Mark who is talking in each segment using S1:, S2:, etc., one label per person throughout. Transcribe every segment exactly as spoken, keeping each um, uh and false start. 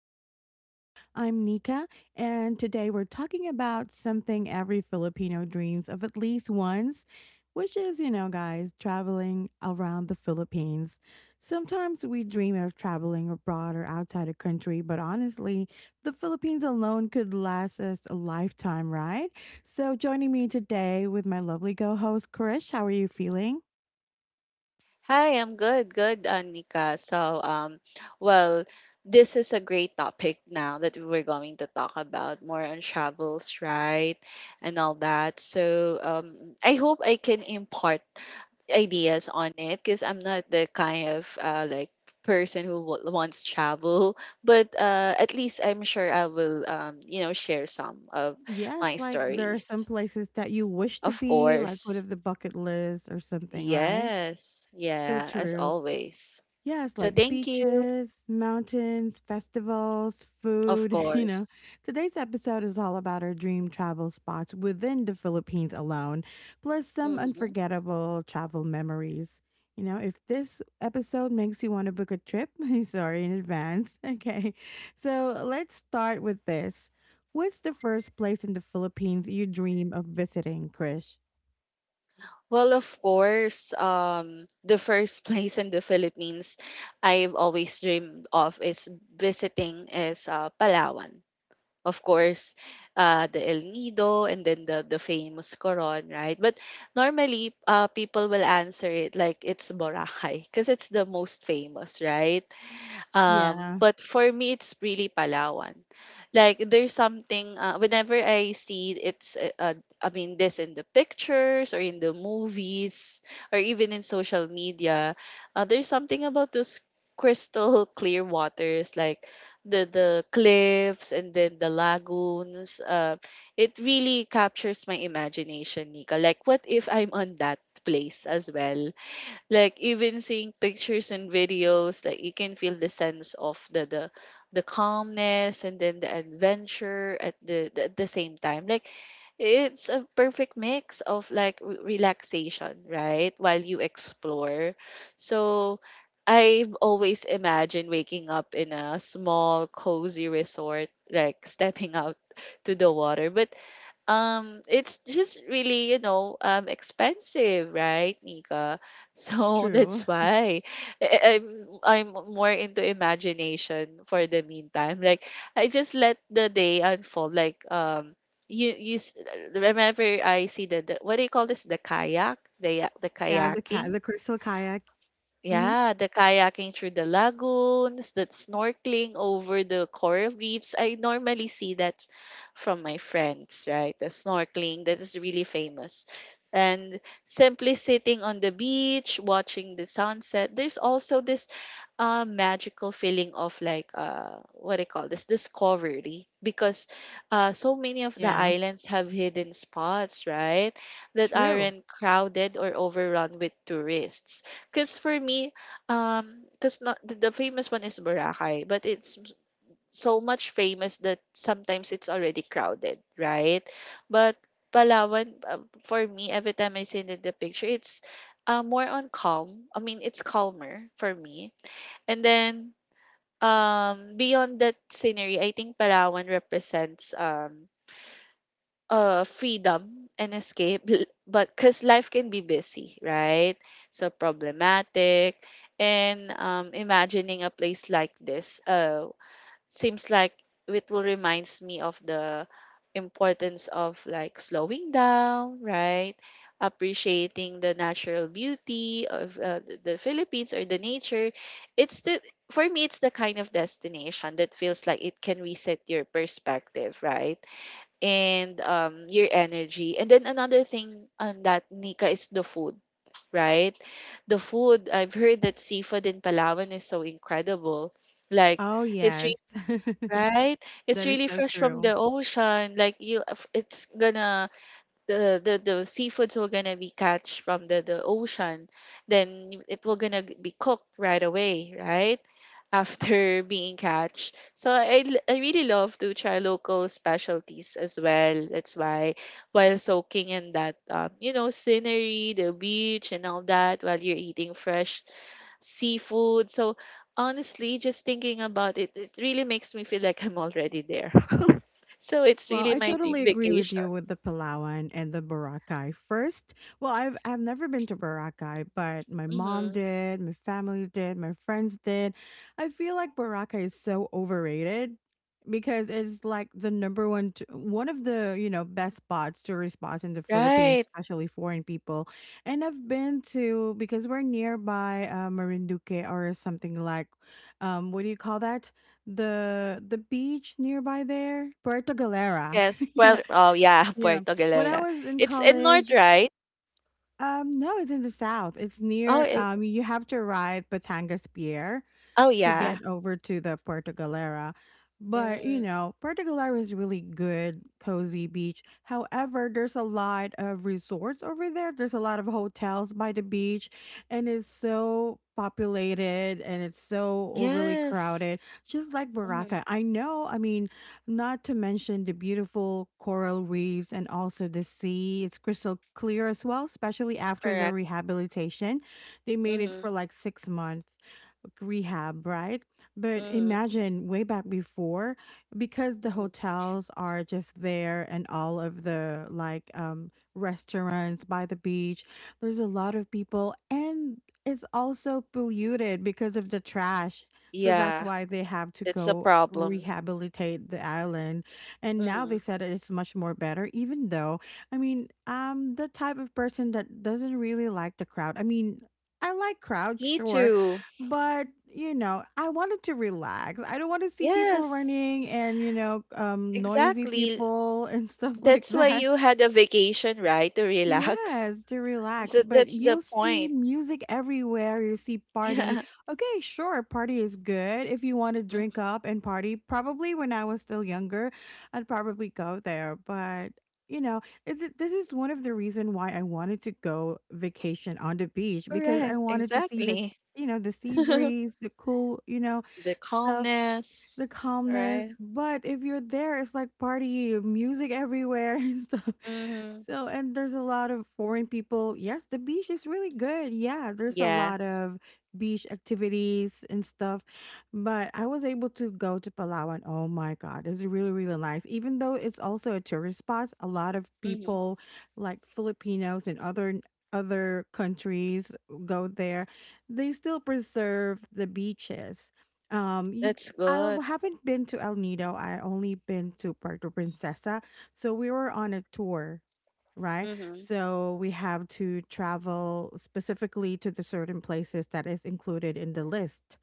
S1: the podcast. I'm Nika, and today we're talking about something every Filipino dreams of at least once, which is, you know, guys, traveling around the Philippines. Sometimes we dream of traveling abroad or outside the country, but honestly, the Philippines alone could last us a lifetime, right? So, joining me today with my lovely co host, Krish, how are you feeling?
S2: Hi, I'm good, good, Anika. So, um, well, this is a great topic now that we're going to talk about more on travels, right? And all that. So, um, I hope I can impart ideas on it because I'm not the kind of uh, like person who w- wants travel, but uh, at least I'm sure I will, um, you know, share some of
S1: Yes,
S2: my
S1: like there are
S2: stories.
S1: some places that you wish to
S2: Of
S1: be, like what
S2: course.
S1: if the bucket list or something, right?
S2: Yes.
S1: So
S2: Yeah, as
S1: true.
S2: always.
S1: Yes,
S2: So
S1: like
S2: thank you.
S1: beaches, mountains, festivals,
S2: Of
S1: food, you
S2: course.
S1: know. Today's episode is all about our dream travel spots within the Philippines alone, plus some
S2: Mhm.
S1: unforgettable travel memories. You know, if this episode makes you want to book a trip, sorry in advance. Okay. So let's start with this. What's the first place in the Philippines you dream of visiting, Krish?
S2: Well, of course, um, the first place in the Philippines I've always dreamed of is visiting is uh, Palawan. Of course, uh, the El Nido and then the, the famous Coron, right? But normally, uh, people will answer it like it's Boracay because it's the most famous, right? Um,
S1: Yeah,
S2: but for me, it's really Palawan. Like there's something uh, whenever I see it's uh, uh, I mean this in the pictures or in the movies or even in social media, uh, there's something about those crystal clear waters like the the cliffs and then the lagoons. Uh, it really captures my imagination, Nika. Like what if I'm on that place as well? Like even seeing pictures and videos, like you can feel the sense of the the the calmness and then the adventure at the, the at the same time. Like it's a perfect mix of like re- relaxation, right, while you explore. So I've always imagined waking up in a small cozy resort, like stepping out to the water. But um, it's just really, you know, um, expensive, right, Nika? So
S1: true.
S2: that's why I- I'm I'm more into imagination for the meantime. Like I just let the day unfold. Like um, you you s- remember I see the, the what do you call this? The kayak, the ya- the
S1: Yeah, the ca-
S2: kayaking.
S1: the crystal kayak. hmm
S2: Yeah, the kayaking through the lagoons, that snorkeling over the coral reefs. I normally see that from my friends, right? The snorkeling that is really famous. And simply sitting on the beach, watching the sunset. There's also this uh, magical feeling of like uh, what do you call this, discovery, because uh, so many of the
S1: Yeah,
S2: islands have hidden spots, right, that
S1: true.
S2: aren't crowded or overrun with tourists, because for me, um, because not the, the famous one is Boracay, but it's m- so much famous that sometimes it's already crowded, right? But Palawan, uh, for me, every time I see the, the picture, it's uh, more on calm. I mean, it's calmer for me. And then um, beyond that scenery, I think Palawan represents um, uh freedom and escape l- but because life can be busy, right, so problematic. And um, imagining a place like this uh, seems like it will reminds me of the importance of like slowing down, right, appreciating the natural beauty of uh, th- the Philippines or the nature. It's the, for me, it's the kind of destination that feels like it can reset your perspective, right, and um, your energy. And then another thing on that, Nika, is the food, right? The food, I've heard that seafood in Palawan is so incredible. Like,
S1: Oh,
S2: it's
S1: yes.
S2: really, right? It's
S1: That is
S2: really
S1: so
S2: fresh from
S1: true.
S2: the ocean. Like, you, f- it's gonna, the, the, the seafoods will gonna be catch from the, the ocean. Then it will gonna g- be cooked right away, right? After being catch. So I, l- I really love to try local specialties as well. That's why while soaking in that um, you know scenery, the beach and all that, while you're eating fresh seafood. So honestly, just thinking about it, it really makes me feel like I'm already there. So it's
S1: Well,
S2: really
S1: I
S2: my dream
S1: totally agree with
S2: vacation.
S1: you with the Palawan and the Boracay. First, well, I've I've never been to Boracay, but my mom
S2: Hmm.
S1: did, my family did, my friends did. I feel like Boracay is so overrated because it's like the number one t- one of the, you know, best spots, tourist spots in the Philippines,
S2: Right.
S1: especially foreign people. And I've been to because we're nearby uh, Marinduque or something like um what do you call that? the the beach nearby there, Puerto Galera.
S2: Yes. Well,
S1: Yeah,
S2: oh yeah,
S1: yeah.
S2: Puerto
S1: When I
S2: Galera.
S1: was in
S2: It's in north,
S1: college,
S2: right?
S1: um, no, it's in the south. It's
S2: Oh,
S1: near.
S2: it,
S1: Um, you have to ride Batangas Pier,
S2: oh
S1: to
S2: yeah.
S1: get over to the Puerto Galera. But you know, Puerto Galera is really good, cozy beach. However, there's a lot of resorts over there. There's a lot of hotels by the beach, and it's so populated and it's so overly
S2: Yes.
S1: crowded, just like
S2: Mm-hmm.
S1: Baraka. I know. I mean, not to mention the beautiful coral reefs and also the sea. It's crystal clear as well, especially after the
S2: Correct.
S1: rehabilitation. They made it for
S2: Mm-hmm.
S1: like six months rehab, right? But
S2: Mm-hmm.
S1: imagine way back before, because the
S2: Mm-hmm.
S1: hotels are just there and all of the like um, restaurants by the beach, there's a lot of people and it's also polluted because of the trash. So that's
S2: Yeah,
S1: why they have to
S2: that's a
S1: go
S2: problem.
S1: rehabilitate the island and now
S2: Mm-hmm.
S1: they said it's much more better even though i mean I'm the type of person that doesn't really like the crowd. I mean, I like crowds,
S2: Me
S1: sure,
S2: too.
S1: but you know, I wanted to relax. I don't want to see people
S2: Yes,
S1: running and you know um noisy
S2: exactly.
S1: people and stuff like
S2: That's why
S1: that.
S2: you had a vacation, right? To relax.
S1: Yes, to relax,
S2: So
S1: but
S2: that's the
S1: you'll see
S2: point.
S1: music everywhere, you see party.
S2: Yeah,
S1: Okay, sure, party is good. If you want to drink
S2: hmm,
S1: up and party, probably when I was still younger, I'd probably go there, but you know, is it this is one of the reason why I wanted to go vacation on the beach because I
S2: correct.
S1: wanted to see this,
S2: Exactly.
S1: you know, the sea breeze, the cool, you know,
S2: The
S1: stuff, the
S2: calmness,
S1: calmness.
S2: right?
S1: But if you're there, it's like party, music everywhere and stuff.
S2: Mm-hmm.
S1: So, and there's a lot of foreign people. Yes, the beach is really good. Yeah, there's a lot
S2: Yes,
S1: of beach activities and stuff. But I was able to go to Palawan. Oh my God, it's really, really nice. Even though it's also a tourist spot, a lot of
S2: mm-hmm,
S1: people like Filipinos and other other countries go there. They still preserve the beaches. Um, you
S2: that's
S1: I
S2: good.
S1: haven't been to El Nido. I only been to Puerto Princesa. So we were on a tour, right?
S2: Mm-hmm.
S1: So we have to travel specifically to the certain places that is included in the list.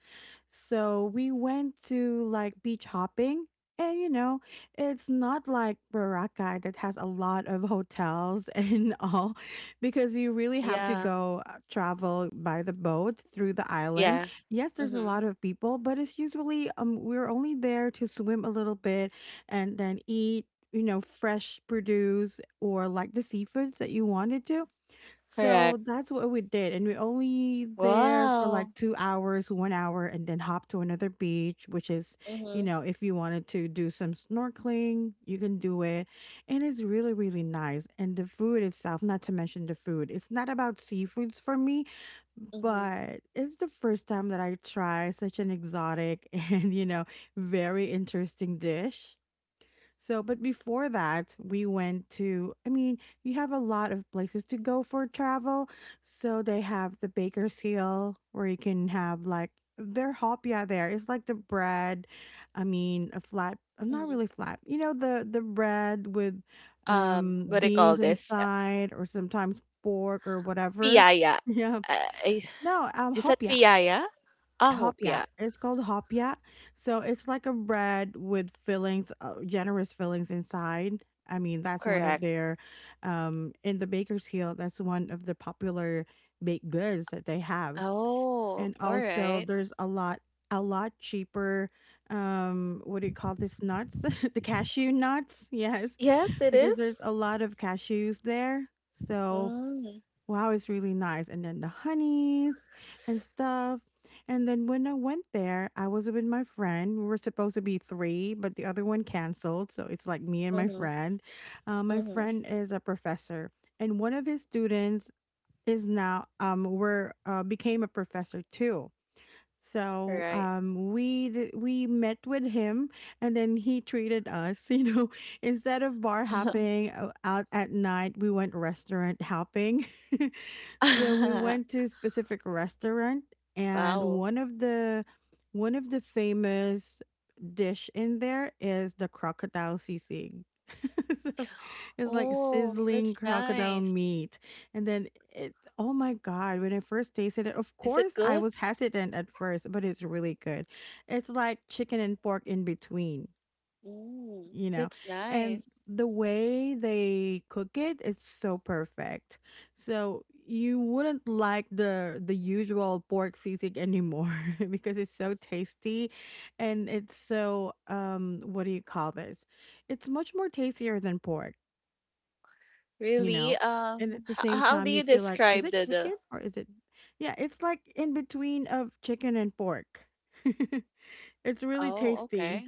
S1: So we went to like beach hopping. And you know, it's not like Boracay that has a lot of hotels and all, because you really have to
S2: Yeah,
S1: go uh, travel by the boat through the island.
S2: yeah,
S1: Yes, there's a
S2: mm-hmm,
S1: lot of people, but it's usually um we're only there to swim a little bit and then eat you know, fresh produce or like the seafoods that you wanted to. So
S2: correct.
S1: that's what we did. And we only there for like
S2: Wow.
S1: two hours, one hour, and then hop to another beach, which is, you
S2: Mm-hmm.
S1: know, if you wanted to do some snorkeling, you can do it. And it's really, really nice. And the food itself, not to mention the food, it's not about seafoods for me,
S2: Mhm,
S1: but it's the first time that I try such an exotic and, you know, very interesting dish. So, but before that, we went to, I mean, you have a lot of places to go for travel. So, they have the Baker's Hill where you can have like their hopia there. It's like the bread, I mean, a flat, uh, not
S2: mhm.
S1: really flat, you know, the, the bread with
S2: Um,
S1: um,
S2: what do you call
S1: beans
S2: this? Uh,
S1: inside or sometimes pork or whatever.
S2: Piyaya.
S1: Yeah.
S2: Uh, I-
S1: No, um,
S2: is that
S1: hopia.
S2: piyaya? Ah,
S1: Hopya.
S2: hopya.
S1: It's called hopya. So it's like a bread with fillings, uh, generous fillings inside. I mean, that's one of
S2: Correct.
S1: their, um, in the Bakersfield, that's one of the popular baked goods that they have.
S2: Oh,
S1: And
S2: all
S1: also,
S2: right.
S1: there's a lot, a lot cheaper, um, what do you call this? Nuts? The cashew nuts. Yes.
S2: Yes, it
S1: Because there's
S2: is.
S1: a lot of cashews there. So,
S2: Mm,
S1: wow, it's really nice. And then the honeys and stuff. And then when I went there, I was with my friend. We were supposed to be three, but the other one canceled. So it's like me and my
S2: mhm,
S1: friend. Uh, my
S2: mhm.
S1: friend is a professor, and one of his students is now um were uh, became a professor too. So
S2: Right.
S1: um, we th- we met with him, and then he treated us. You know, instead of bar hopping o- out at night, we went restaurant hopping. So we went to a specific restaurant, and
S2: Wow.
S1: one of the one of the famous dish in there is the crocodile sisig. So it's like
S2: Oh,
S1: sizzling
S2: that's
S1: crocodile
S2: nice.
S1: meat. And then it, oh my God, when I first tasted it, of
S2: Is it
S1: course I
S2: good?
S1: was hesitant at first, but it's really good. It's like chicken and pork in between,
S2: Mm,
S1: you know?
S2: that's
S1: And
S2: nice.
S1: the way they cook it, it's so perfect. So you wouldn't like the the usual pork sisig anymore because it's so tasty and it's so um what do you call this it's much more tastier than pork you
S2: Really?
S1: know? And
S2: Um,
S1: at the
S2: h-
S1: same
S2: how do
S1: time,
S2: you
S1: you feel like, is
S2: describe
S1: it
S2: the the?
S1: chicken or is it? Yeah, it's like in between of chicken and pork. It's really
S2: Oh,
S1: tasty.
S2: okay.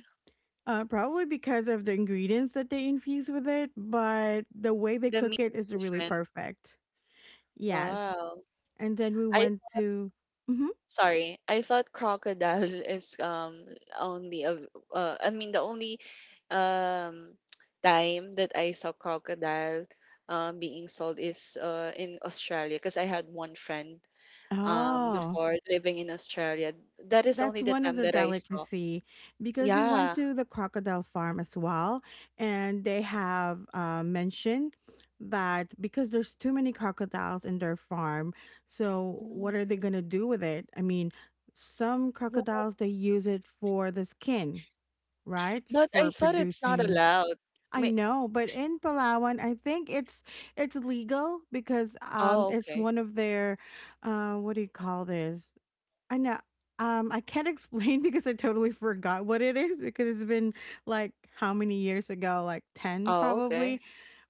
S1: Uh, probably because of the ingredients that they infuse with it, but the way they
S2: The meat
S1: cook
S2: is
S1: it is really
S2: different.
S1: perfect. Yes.
S2: Wow.
S1: And then we
S2: I.
S1: went to. hmm
S2: Sorry, I thought crocodile is um only of uh, I mean the only um time that I saw crocodile um being sold is uh in Australia because I had one friend um
S1: Oh,
S2: before living in Australia. That is
S1: that's
S2: only the
S1: one of
S2: time
S1: their
S2: that I saw.
S1: delicacy because we went
S2: Yeah.
S1: to the crocodile farm as well, and they have uh, mentioned that because there's too many crocodiles in their farm, so what are they
S2: Mm.
S1: gonna do with it? I mean, some
S2: Well,
S1: crocodiles they use it for the skin, right?
S2: but I
S1: For
S2: thought it's not
S1: producing.
S2: allowed.
S1: I
S2: May,
S1: know, but in Palawan, I think it's it's legal because um
S2: oh
S1: it's
S2: okay.
S1: one of their uh what do you call this? I know. Um, I can't explain because I totally forgot what it is because it's been like how many years ago? Like ten
S2: Oh
S1: probably
S2: okay.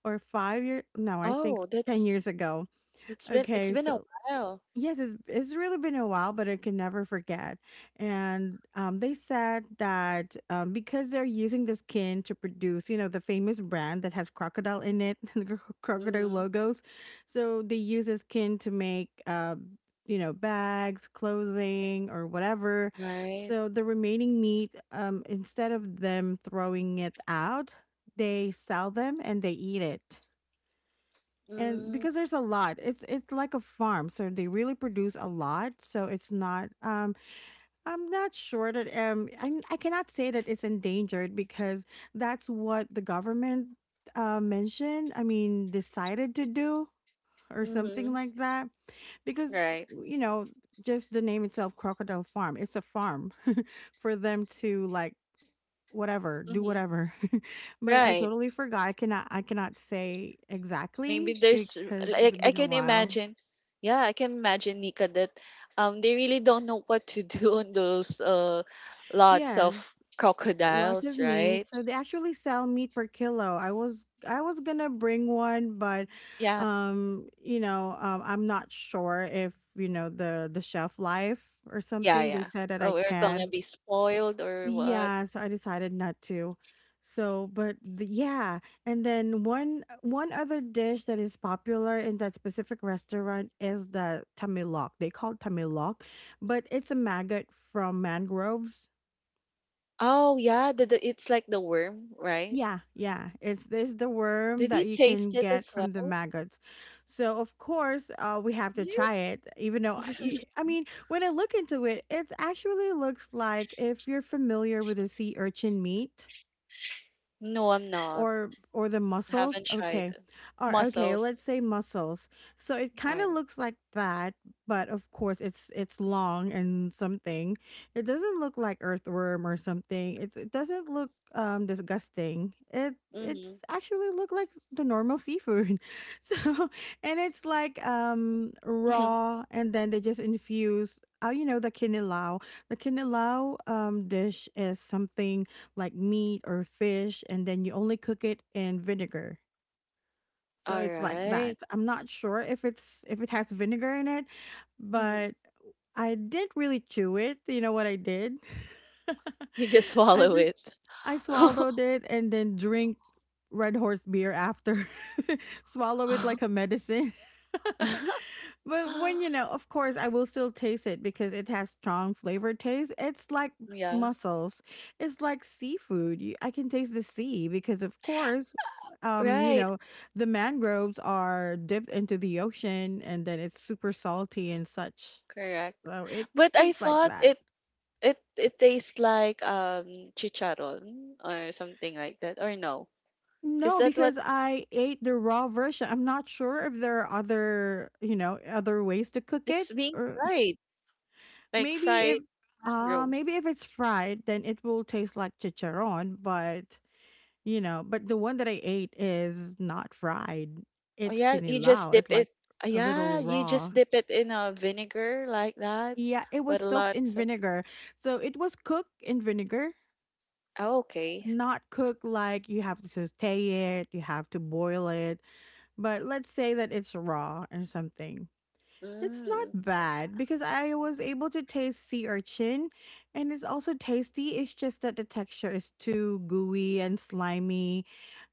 S1: or five years. No, I think
S2: Oh
S1: ten
S2: that's
S1: years ago.
S2: that's been it's
S1: Okay,
S2: been a
S1: so
S2: while.
S1: yes, it's, it's really been a while, but I can never forget. And um, they said that um, because they're using the skin to produce, you know, the famous brand that has crocodile in it, the cro- crocodile
S2: Mm-hmm.
S1: logos. So they use the skin to make, uh, you know, bags, clothing, or whatever.
S2: Right.
S1: So the remaining meat, um, instead of them throwing it out, they sell them and they eat it and
S2: Mm.
S1: because there's a lot it's it's like a farm so they really produce a lot, so it's not um I'm not sure that um i, I cannot say that it's endangered because that's what the government uh mentioned, I mean, decided to do or something
S2: Mm-hmm.
S1: like that because
S2: Right.
S1: you know just the name itself crocodile farm, it's a farm for them to like whatever, do
S2: Mm-hmm.
S1: whatever. But I
S2: Right.
S1: totally forgot. I cannot I cannot say
S2: Maybe
S1: exactly
S2: there's
S1: because it's
S2: like, I
S1: been a
S2: can
S1: while.
S2: imagine. Yeah, I can imagine, Nika, that um they really don't know what to do on those uh lots
S1: Yes,
S2: of
S1: lots
S2: crocodiles,
S1: of meat.
S2: right?
S1: So they actually sell meat per kilo. I was I was gonna bring one, but
S2: Yeah.
S1: um, you know, um, I'm not sure if you know the the shelf life or
S2: Yeah,
S1: something. They
S2: yeah.
S1: said that
S2: Oh,
S1: I
S2: we're gonna
S1: can,
S2: be spoiled or what?
S1: yeah, so I decided not to. So, but the, yeah, and then one one other dish that is popular in that specific restaurant is the tamilok. They call it tamilok, but it's a maggot from mangroves.
S2: Oh, yeah, the, the it's like the worm, right?
S1: Yeah, yeah, it's it's the worm
S2: Did you
S1: that you
S2: taste
S1: can
S2: it
S1: get
S2: as
S1: from the
S2: well?
S1: maggots. So of course, uh, we have to
S2: Yeah.
S1: try it. Even though I, I mean, when I look into it, it actually looks like if you're familiar with the sea urchin meat.
S2: No, I'm not.
S1: or or the
S2: Haven't
S1: muscles.
S2: tried
S1: Okay,
S2: it.
S1: or okay,
S2: Mussels.
S1: let's say muscles. So it
S2: All
S1: kind of
S2: right.
S1: looks like that, but of course it's it's long and something. It doesn't look like earthworm or something. It, it doesn't look um disgusting. It,
S2: Mm-hmm.
S1: it's actually look like the normal seafood so, and it's like um raw and then they just infuse. Oh, you know the kinilaw. The kinilaw um dish is something like meat or fish and then you only cook it in vinegar. So
S2: All
S1: it's like
S2: right.
S1: that. I'm not sure if it's if it has vinegar in it, but I didn't really chew it. You know what I did?
S2: You just
S1: I
S2: swallow
S1: just,
S2: it.
S1: I swallowed it and then drink Red Horse beer after. Swallow it like a medicine. But when, you know, of course, I will still taste it because it has strong flavor taste. It's like
S2: Yeah.
S1: mussels. It's like seafood. You- I can taste the sea because of course, um, you
S2: Right.
S1: know, the mangroves are dipped into the ocean and then it's super salty and such.
S2: Correct.
S1: So it
S2: But I
S1: tastes like
S2: thought
S1: that.
S2: it it it tastes like um chicharon or something like that. Or no. Because
S1: No,
S2: that's what
S1: because I ate the raw version. I'm not sure if there are other, you know, other ways to cook it,
S2: it's being
S1: or
S2: fried. Like
S1: maybe if
S2: fried
S1: uh maybe
S2: mangroves.
S1: if it's fried then it will taste like chicharron, but you know, but the one that I ate is not fried.
S2: Oh
S1: It's
S2: yeah, you just
S1: kinilaw.
S2: dip
S1: It's
S2: it.
S1: like
S2: Ah,
S1: a little
S2: yeah, you
S1: raw.
S2: just dip it in a vinegar like that
S1: Yeah, it
S2: with
S1: was
S2: a
S1: soaked
S2: lot
S1: in
S2: of,
S1: vinegar. So it was cooked in vinegar,
S2: oh, okay.
S1: not cooked like you have to saute it, you have to boil it. But let's say that it's raw or something. It's
S2: Mm.
S1: not bad because I was able to taste sea urchin, and it's also tasty. It's just that the texture is too gooey and slimy,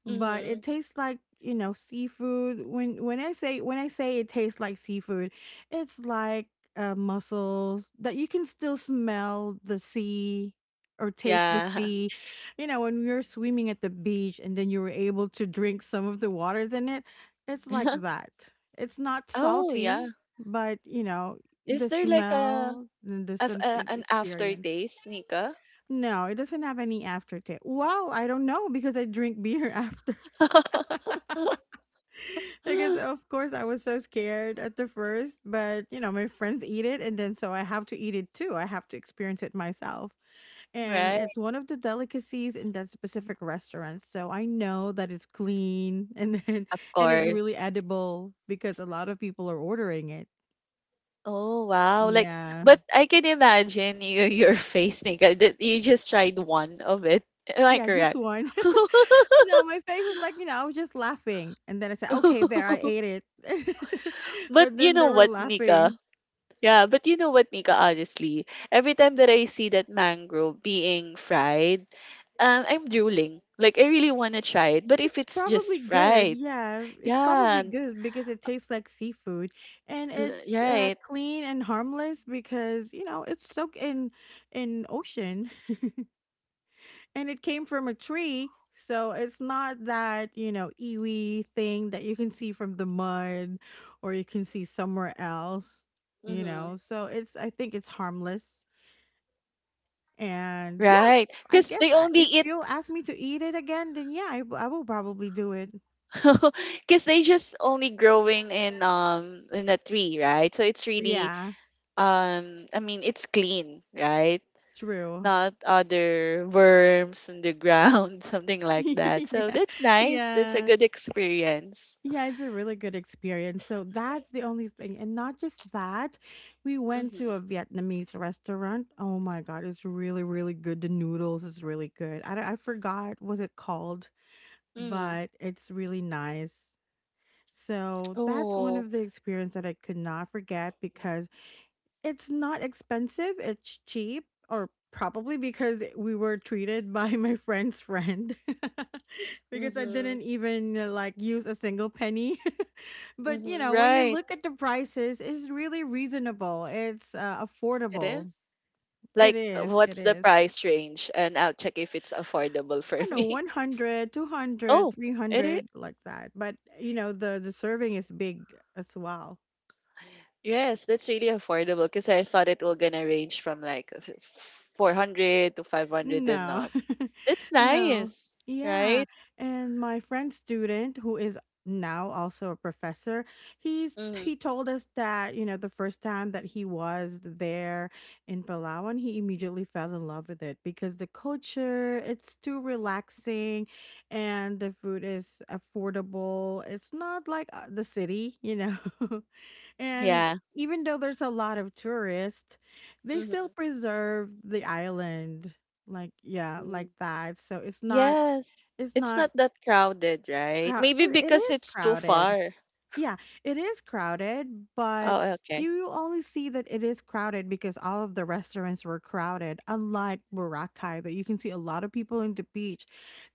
S1: but
S2: Mm-hmm.
S1: it tastes like, you know, seafood. When when I say when I say it tastes like seafood, it's like uh, mussels that you can still smell the sea or taste the
S2: Yeah.
S1: sea. You know, when you're swimming at the beach and then you were able to drink some of the waters in it, it's like that. It's not
S2: Oh, yeah.
S1: salty. But, you know,
S2: Is
S1: the
S2: there like a,
S1: smell, and the
S2: af-
S1: some
S2: a
S1: e
S2: an
S1: experience.
S2: aftertaste, Nika?
S1: No, it doesn't have any aftertaste. Well, I don't know because I drink beer after. Because, of course, I was so scared at the first, but, you know, my friends eat it, and then so I have to eat it too. I have to experience it myself. And
S2: Right,
S1: it's one of the delicacies in that specific restaurant, so I know that it's clean and then,
S2: of
S1: and it's really
S2: course.
S1: edible because a lot of people are ordering it.
S2: Oh wow! Like,
S1: Yeah.
S2: but I can imagine you, your face, Nika, that you just tried one of it. Am I
S1: Yeah, just
S2: correct?
S1: one. No, my face is like, you know, I was just laughing, and then I said, "Okay, there, I ate it."
S2: But
S1: But
S2: you
S1: then
S2: know
S1: they were
S2: what, Nika?
S1: laughing.
S2: Yeah, but you know what, Nika? Honestly, every time that I see that mango being fried, um, I'm drooling. Like I really wanna try it, but if
S1: It's
S2: it's
S1: probably
S2: just
S1: good,
S2: fried,
S1: yeah, it's probably
S2: yeah,
S1: good because it tastes like seafood, and
S2: L
S1: it's, uh,
S2: right.
S1: clean and harmless because, you know, it's soaked in in ocean, and it came from a tree, so it's not that, you know, ewy thing that you can see from the mud or you can see somewhere else, you
S2: Hmm.
S1: know, so it's, I think it's harmless. And yeah,
S2: Right.
S1: I
S2: 'Cause
S1: guess
S2: they
S1: I,
S2: only
S1: if
S2: eat.
S1: you'll ask me to eat it again, then yeah, I, w- I will probably do it.
S2: Cause they just only growing in um in a tree, right? So it's really
S1: Yeah,
S2: um I mean it's clean, right?
S1: true.
S2: Not other worms in the ground, something like that. So
S1: yeah,
S2: that's nice. That's a
S1: yeah,
S2: good experience.
S1: yeah. It's a really good experience. So that's the only thing, and not just that. We went to a
S2: Mm-hmm.
S1: Vietnamese restaurant. Oh my god, it's really, really good. The noodles is really good. I don't- I forgot was it called,
S2: Mm.
S1: but it's really nice. So that's one
S2: Oh.
S1: of the experience that I could not forget because it's not expensive, it's cheap, or probably because we were treated by my friend's friend because I
S2: Mm-hmm.
S1: didn't even uh, like use a single penny. But you
S2: Mm-hmm.
S1: know, when you
S2: Right.
S1: look at the prices, it's really reasonable. It's uh,
S2: It
S1: affordable.
S2: is.
S1: It
S2: Like
S1: is. It
S2: what's the
S1: is.
S2: price range? And I'll check if it's affordable
S1: I
S2: for
S1: don't know,
S2: me.
S1: one hundred, two hundred,
S2: Oh.
S1: three
S2: It is.
S1: hundred, like that. But you know, the the serving is big as well.
S2: Yes, that's really affordable because I thought it will gonna range from like f- f- four hundred to five hundred and
S1: No.
S2: up. That's
S1: No.
S2: nice, right?
S1: Yeah. And my friend student who is now also a professor, he's
S2: Hmm.
S1: he told us that, you know, the first time that he was there in Palawan, he immediately fell in love with it because the culture, it's too relaxing and the food is affordable. It's not like uh, the city, you know. And
S2: Yeah.
S1: even though there's a lot of tourists, they still preserve the island, like yeah
S2: Hmm.
S1: like that, so it's not,
S2: Yes.
S1: it's
S2: It's
S1: not
S2: not that crowded, right?
S1: crowd
S2: Maybe
S1: it, it
S2: because
S1: is
S2: it's too
S1: crowded.
S2: far.
S1: Yeah, it is crowded,
S2: Oh,
S1: but
S2: okay.
S1: you only see that it is crowded because all of the restaurants were crowded, unlike Boracay that you can see a lot of people in the beach.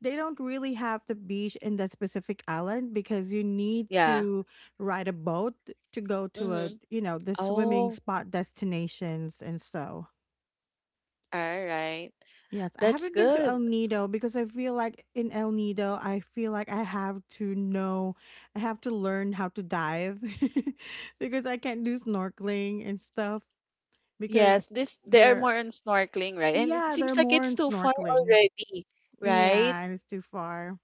S1: They don't really have the beach in that specific island because you need
S2: Yeah.
S1: to ride a boat to go to a,
S2: Mm-hmm.
S1: you know, the swimming
S2: Oh,
S1: spot destinations, and so
S2: all right.
S1: yes, I
S2: That's
S1: haven't been to El
S2: good.
S1: Nido because I feel like in El Nido, I feel like I have to know, I have to learn how to dive because I can't do snorkeling and stuff because
S2: Yes, this they are
S1: they're,
S2: more on snorkeling, right? And it
S1: yeah, they're
S2: seems like
S1: more
S2: it's
S1: in
S2: too far
S1: snorkeling.
S2: already, right?
S1: Yeah, and it's too far.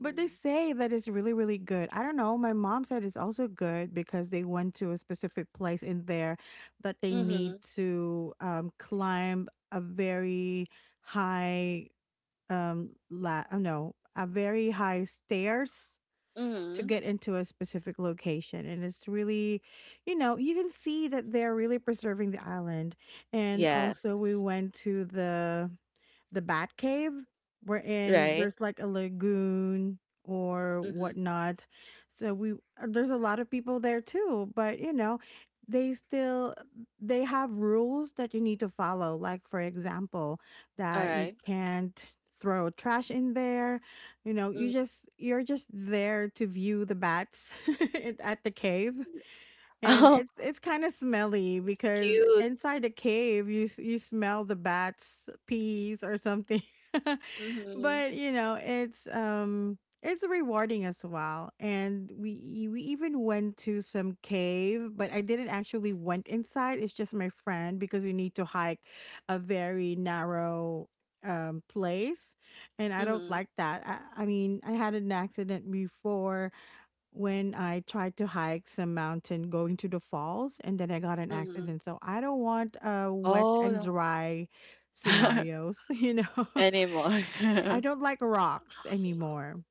S1: But they say that it's really, really good. I don't know. My mom said it's also good because they went to a specific place in there that they
S2: Mm-hmm.
S1: need to um, climb a very high um la oh no a very high stairs to
S2: Mm-hmm.
S1: get into a specific location and it's really, you know, you can see that they're really preserving the island. And also we
S2: Yes.
S1: went to the the Bat Cave, wherein
S2: Right?
S1: there's like a lagoon or
S2: Mm-hmm.
S1: whatnot. So we uh, there's a lot of people there too, but you know, they still they have rules that you need to follow. Like for example,
S2: All
S1: that you
S2: right.
S1: can't throw trash in there. You know, you
S2: Mhm.
S1: just you're just there to view the bats at at the cave, and
S2: Oh,
S1: it's it's kind of smelly
S2: it's
S1: because
S2: cute.
S1: inside the cave you s- you smell the bats peas or something.
S2: Mm-hmm.
S1: But you know, it's um it's rewarding as well, and we we even went to some cave but I didn't actually went inside, it's just my friend, because you need to hike a very narrow um place, and I don't
S2: Mm-hmm.
S1: like that. i, I mean I had an accident before when I tried to hike some mountain going to the falls and then I got an
S2: Mm-hmm.
S1: accident. So I don't want uh wet
S2: Oh
S1: and
S2: no.
S1: dry scenarios, you know.
S2: Anymore.
S1: I don't like rocks anymore.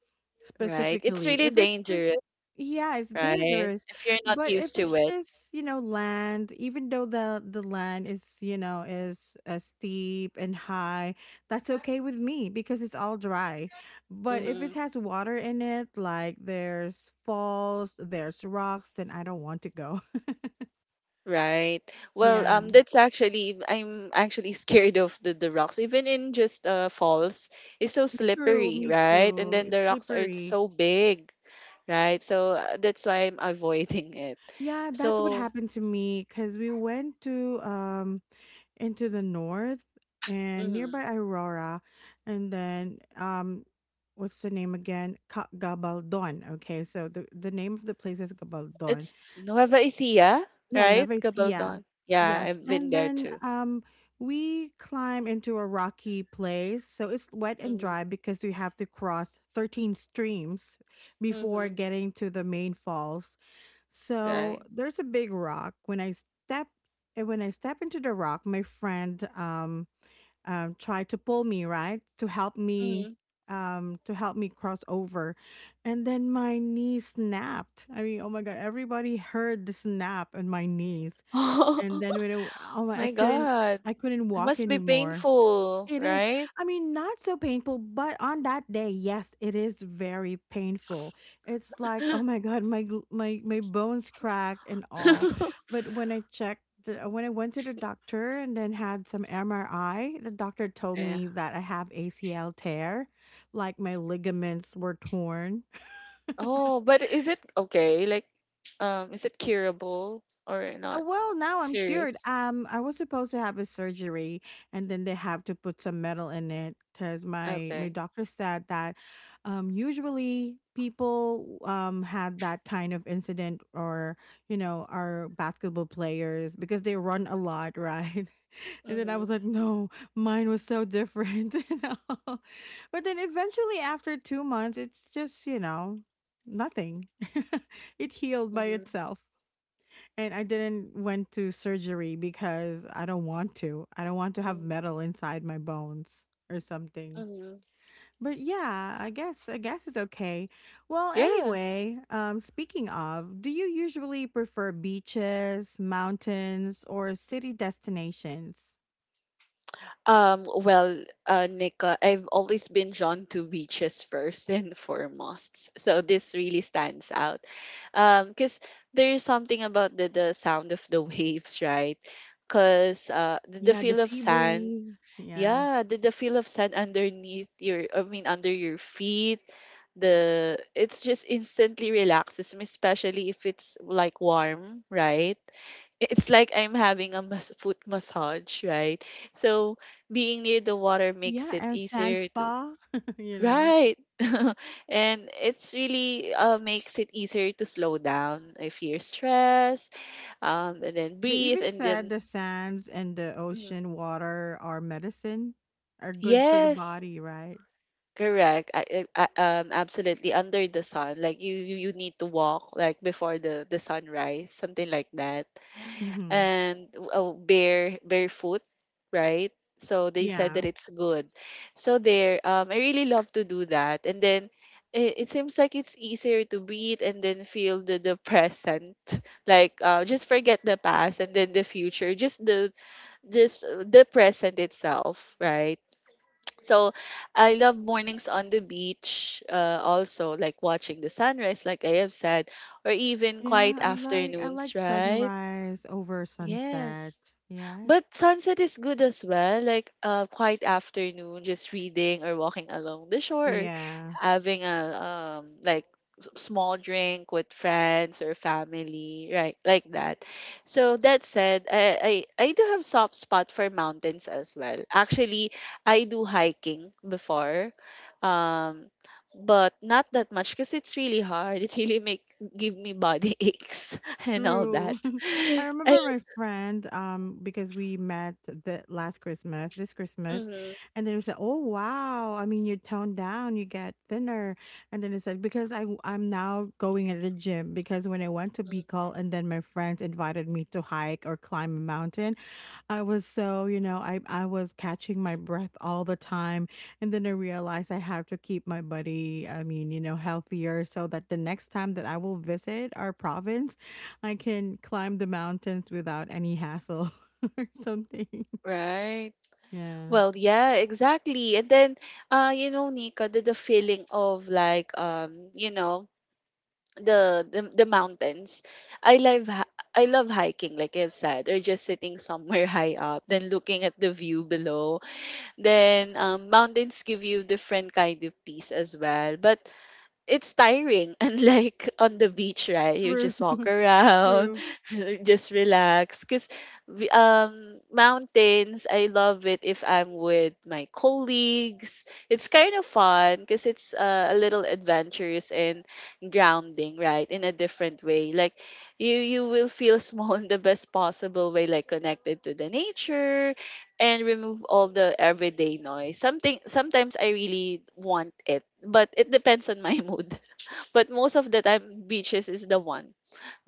S2: Right. It's
S1: Specifically,
S2: really
S1: if it's just,
S2: dangerous,
S1: yeah, it's
S2: right?
S1: dangerous.
S2: If you're not
S1: But
S2: used
S1: if it's
S2: to it.
S1: just, you know, land, even though the the land is, you know, is uh, steep and high, that's okay with me because it's all dry. But if
S2: Mm-hmm.
S1: it has water in it, like there's falls, there's rocks, then I don't want to go.
S2: Right. Well,
S1: Yeah,
S2: um, that's actually I'm actually scared of the the rocks. Even in just uh falls, it's so
S1: true,
S2: slippery,
S1: me
S2: right? And
S1: too.
S2: then the
S1: It's
S2: rocks are
S1: slippery.
S2: so big, right? So uh, that's why I'm avoiding it.
S1: Yeah, that's what
S2: So
S1: happened to me because we went to um into the north and
S2: mhm,
S1: nearby Aurora, and then um, what's the name again? Ka- Gabaldon. Okay, so the the name of the place is Gabaldon.
S2: it's Nueva Ecija,
S1: Yeah,
S2: right?
S1: Nueva Ecija.
S2: Gabaldon. Yeah,
S1: Yes,
S2: I've been
S1: and
S2: there
S1: then
S2: too.
S1: um, we climb into a rocky place, so it's wet and
S2: Mm-hmm.
S1: dry because we have to cross thirteen streams before
S2: Mm-hmm.
S1: getting to the main falls. So
S2: Right.
S1: there's a big rock. When I step and when I step into the rock, my friend um um, tried to pull me right to help me
S2: Mm-hmm.
S1: um to help me cross over, and then my knee snapped. I mean, oh my god, everybody heard the snap in my knees, and then when it, oh my I
S2: My
S1: couldn't,
S2: God,
S1: I couldn't
S2: it
S1: walk
S2: must be
S1: anymore.
S2: painful,
S1: It is.
S2: right?
S1: I mean, not so painful, but on that day, yes, it is very painful. It's like, oh my God, my gl- my my bones cracked and all. But when I checked, the, uh, when I went to the doctor and then had some M R I, the doctor told
S2: Yeah.
S1: me that I have A C L tear, like my ligaments were torn.
S2: Oh, but is it okay? Like, um, is it curable or
S1: Uh,
S2: not?
S1: Well, now I'm cured.
S2: Serious?
S1: Um, I was supposed to have a surgery, and then they have to put some metal in it because my my
S2: Okay.
S1: doctor said that, um, usually people um had that kind of incident, or you know, are basketball players because they run a lot, right? And then I
S2: Mm-hmm.
S1: was like, no, mine was so different, you know. But then eventually, after two months, it's just, you know, nothing. It healed by
S2: Mm-hmm.
S1: itself. And I didn't went to surgery because I don't want to. I don't want to have metal inside my bones or something.
S2: Mm-hmm.
S1: But yeah, I guess I guess it's okay. Well,
S2: Yes.
S1: anyway, um speaking of, do you usually prefer beaches, mountains, or city destinations?
S2: Um, well, uh, Nika, I've always been drawn to beaches first and foremost. So this really stands out. Um, because there's something about the, the sound of the waves, right? Because uh, the, the
S1: Yeah, the
S2: feel of
S1: sea
S2: sand,
S1: breeze. Yeah.
S2: yeah, the, the feel of sand underneath your, I mean, under your feet, the, it's just instantly relaxes me, especially if it's like warm, right? It's like I'm having a mas- foot massage, right? So being near the water makes
S1: Yeah,
S2: it
S1: and sand
S2: easier to,
S1: spa, you know.
S2: right. And it's really uh, makes it easier to slow down if you're stressed, um, and then
S1: They
S2: breathe,
S1: even
S2: and
S1: said
S2: then
S1: the sands and the
S2: mhm,
S1: ocean water are medicine, are good for the
S2: yes,
S1: body, right?
S2: correct. I, I, I- um, absolutely under the sun. Like you, you, you need to walk like before the the sunrise, something like that.
S1: Mhm.
S2: And oh, bare barefoot, right? So they said
S1: Yeah.
S2: that it's good. So there, um, I really love to do that. And then it, it seems like it's easier to breathe and then feel the the present. Like uh, just forget the past and then the future. Just the, just uh, the present itself, right? So I love mornings on the beach, uh, also like watching the sunrise, like I have said, or even
S1: Yeah,
S2: quiet
S1: I like I like
S2: afternoons, right?
S1: sunrise over sunset.
S2: Yes.
S1: Yeah.
S2: But sunset is good as well, like a quiet afternoon, just reading or walking along the shore, or
S1: Yeah.
S2: having a um like s- small drink with friends or family, right? Like that. So that said, I I, I do have soft spot for mountains as well. Actually, I do hiking before, um, but not that much because it's really hard. It really make give me body aches and all that.
S1: True. I
S2: I,
S1: remember my friend um because we met the last Christmas, this Christmas,
S2: mhm.
S1: and then we said, "Oh wow, I mean you toned down, you get thinner." And then it said because I w- I'm now going at the gym because when I went to Bicol and then my friends invited me to hike or climb a mountain, I was so, you know, I I was catching my breath all the time, and then I realized I have to keep my body, I mean, you know, healthier so that the next time that I will visit our province, I can climb the mountains without any hassle or something.
S2: Right.
S1: Yeah.
S2: Well, yeah, exactly. And then, uh, you know, Nika, the, the feeling of like, um, you know, the the, the mountains. I love hi- I love hiking, like I've said, or just sitting somewhere high up, then looking at the view below. Then, um, mountains give you different kind of peace as well. But it's tiring. And like on the beach, right? You
S1: True.
S2: just walk around,
S1: True.
S2: just relax. Cause we- um mountains, I love it if I'm with my colleagues. It's kind of fun because it's uh, a little adventurous and grounding, right? In a different way. Like you you will feel small in the best possible way, like connected to the nature and remove all the everyday noise. Something sometimes I really want it, but it depends on my mood. But most of the time, beaches is the one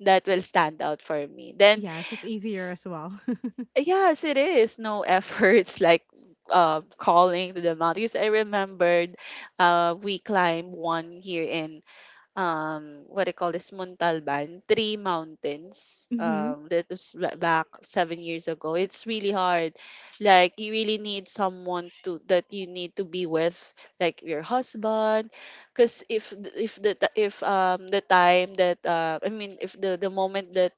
S2: that will stand out for me. Then,
S1: Yes, it's easier
S2: s-
S1: as well.
S2: yes, it is no efforts like uh, calling to the mountains. I remembered uh, we climbed one here in um what I call this Montalban, three mountains.
S1: Mhm.
S2: Um, that was ba- back seven years ago. It's really hard. Like you really need someone to that you need to be with, like your husband, because if th- if the ti- if um the time that uh, I mean if the the moment that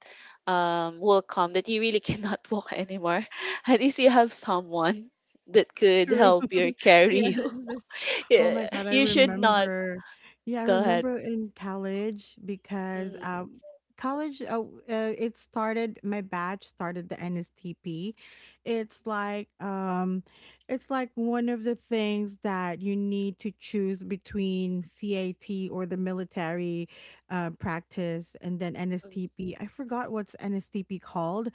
S2: um will come that you really cannot walk anymore, at least you have someone that could
S1: True.
S2: help you or
S1: Yes,
S2: carry you.
S1: that's oh my
S2: Yeah,
S1: God, I
S2: you should not
S1: remember. Yeah, I
S2: go ahead.
S1: remember in college because
S2: Mhm.
S1: um college uh, w- uh it started my batch started the N S T P. It's like um it's like one of the things that you need to choose between cat or the military uh practice and then N S T P. I forgot what's N S T P called,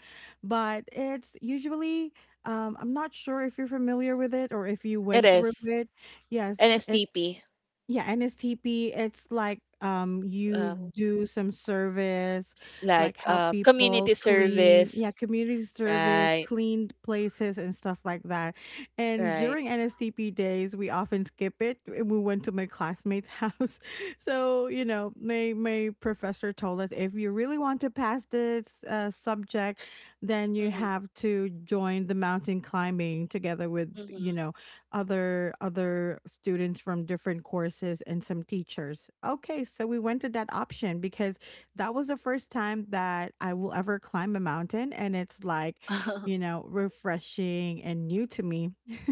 S1: but it's usually um, I'm not sure if you're familiar with it or if you
S2: It
S1: went through
S2: is.
S1: it. Yes,
S2: N S T P.
S1: yeah, N S T P, it's like um you
S2: Um,
S1: do some service,
S2: like
S1: like help
S2: uh,
S1: people
S2: community
S1: clean, yeah,
S2: service.
S1: community service,
S2: Right.
S1: clean places and stuff like that. And
S2: Right.
S1: during N S T P days, we often skip it. eh, We went to my classmate's house. So, you know, my my professor told us if you really want to pass this uh, subject, then you
S2: Mm-hmm.
S1: have to join the mountain climbing together with, you
S2: Mm-hmm.
S1: know, other other students from different courses and some teachers. Okay, so we went to that option because that was the first time that I will ever climb a mountain and it's like, you know, refreshing and new to me.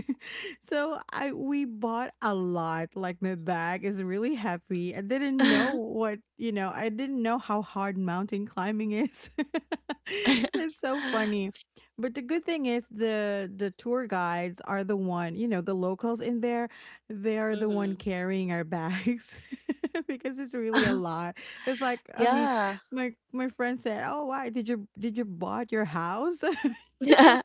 S1: so I we bought a lot. Like my bag is really heavy. I didn't know what, you know, I didn't know how hard mountain climbing is. It's so funny. But the good thing is the the tour guides are the one, you know, the locals in there, they're the
S2: mm-hmm.
S1: one carrying our bags because it's really a lot. It's like, I mean,
S2: yeah.
S1: my my friend said, "Oh, why did you did you bought your house?"
S2: Yeah.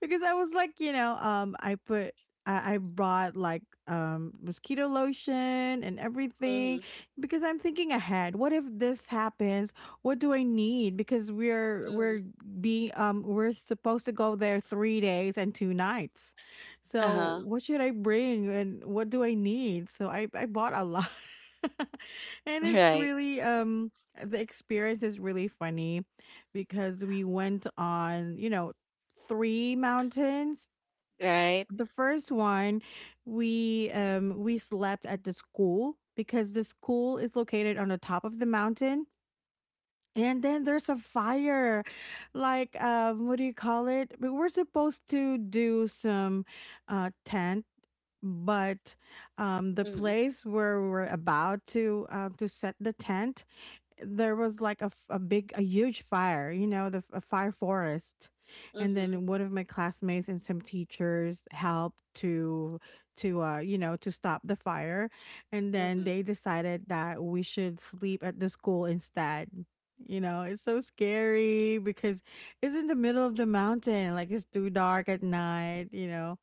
S1: because I was like, you know, um, I put I, I brought like um mosquito lotion and
S2: Mm-hmm.
S1: everything because I'm thinking ahead. What if this happens? What do I need? Because we're we're
S2: Mm-hmm.
S1: be um we're supposed to go there three days and two nights, so
S2: Uh-huh.
S1: what should I bring and what do I need? So i i bought a lot. And it's
S2: Right.
S1: really um the experience is really funny because we went on, you know, three mountains.
S2: Right.
S1: The first one, we um we slept at the school because the school is located on the top of the mountain, and then there's a fire. Like, um, what do you call it? We were supposed to do some uh, tent, but um, the
S2: Mm-hmm.
S1: place where we were about to uh, to set the tent, there was like a, f- a big a huge fire, you know the f- a fire forest, and
S2: Mm-hmm.
S1: then one of my classmates and some teachers helped to to uh you know to stop the fire. And then
S2: Mm-hmm.
S1: they decided that we should sleep at the school instead you know It's so scary because it's in the middle of the mountain, like it's too dark at night you know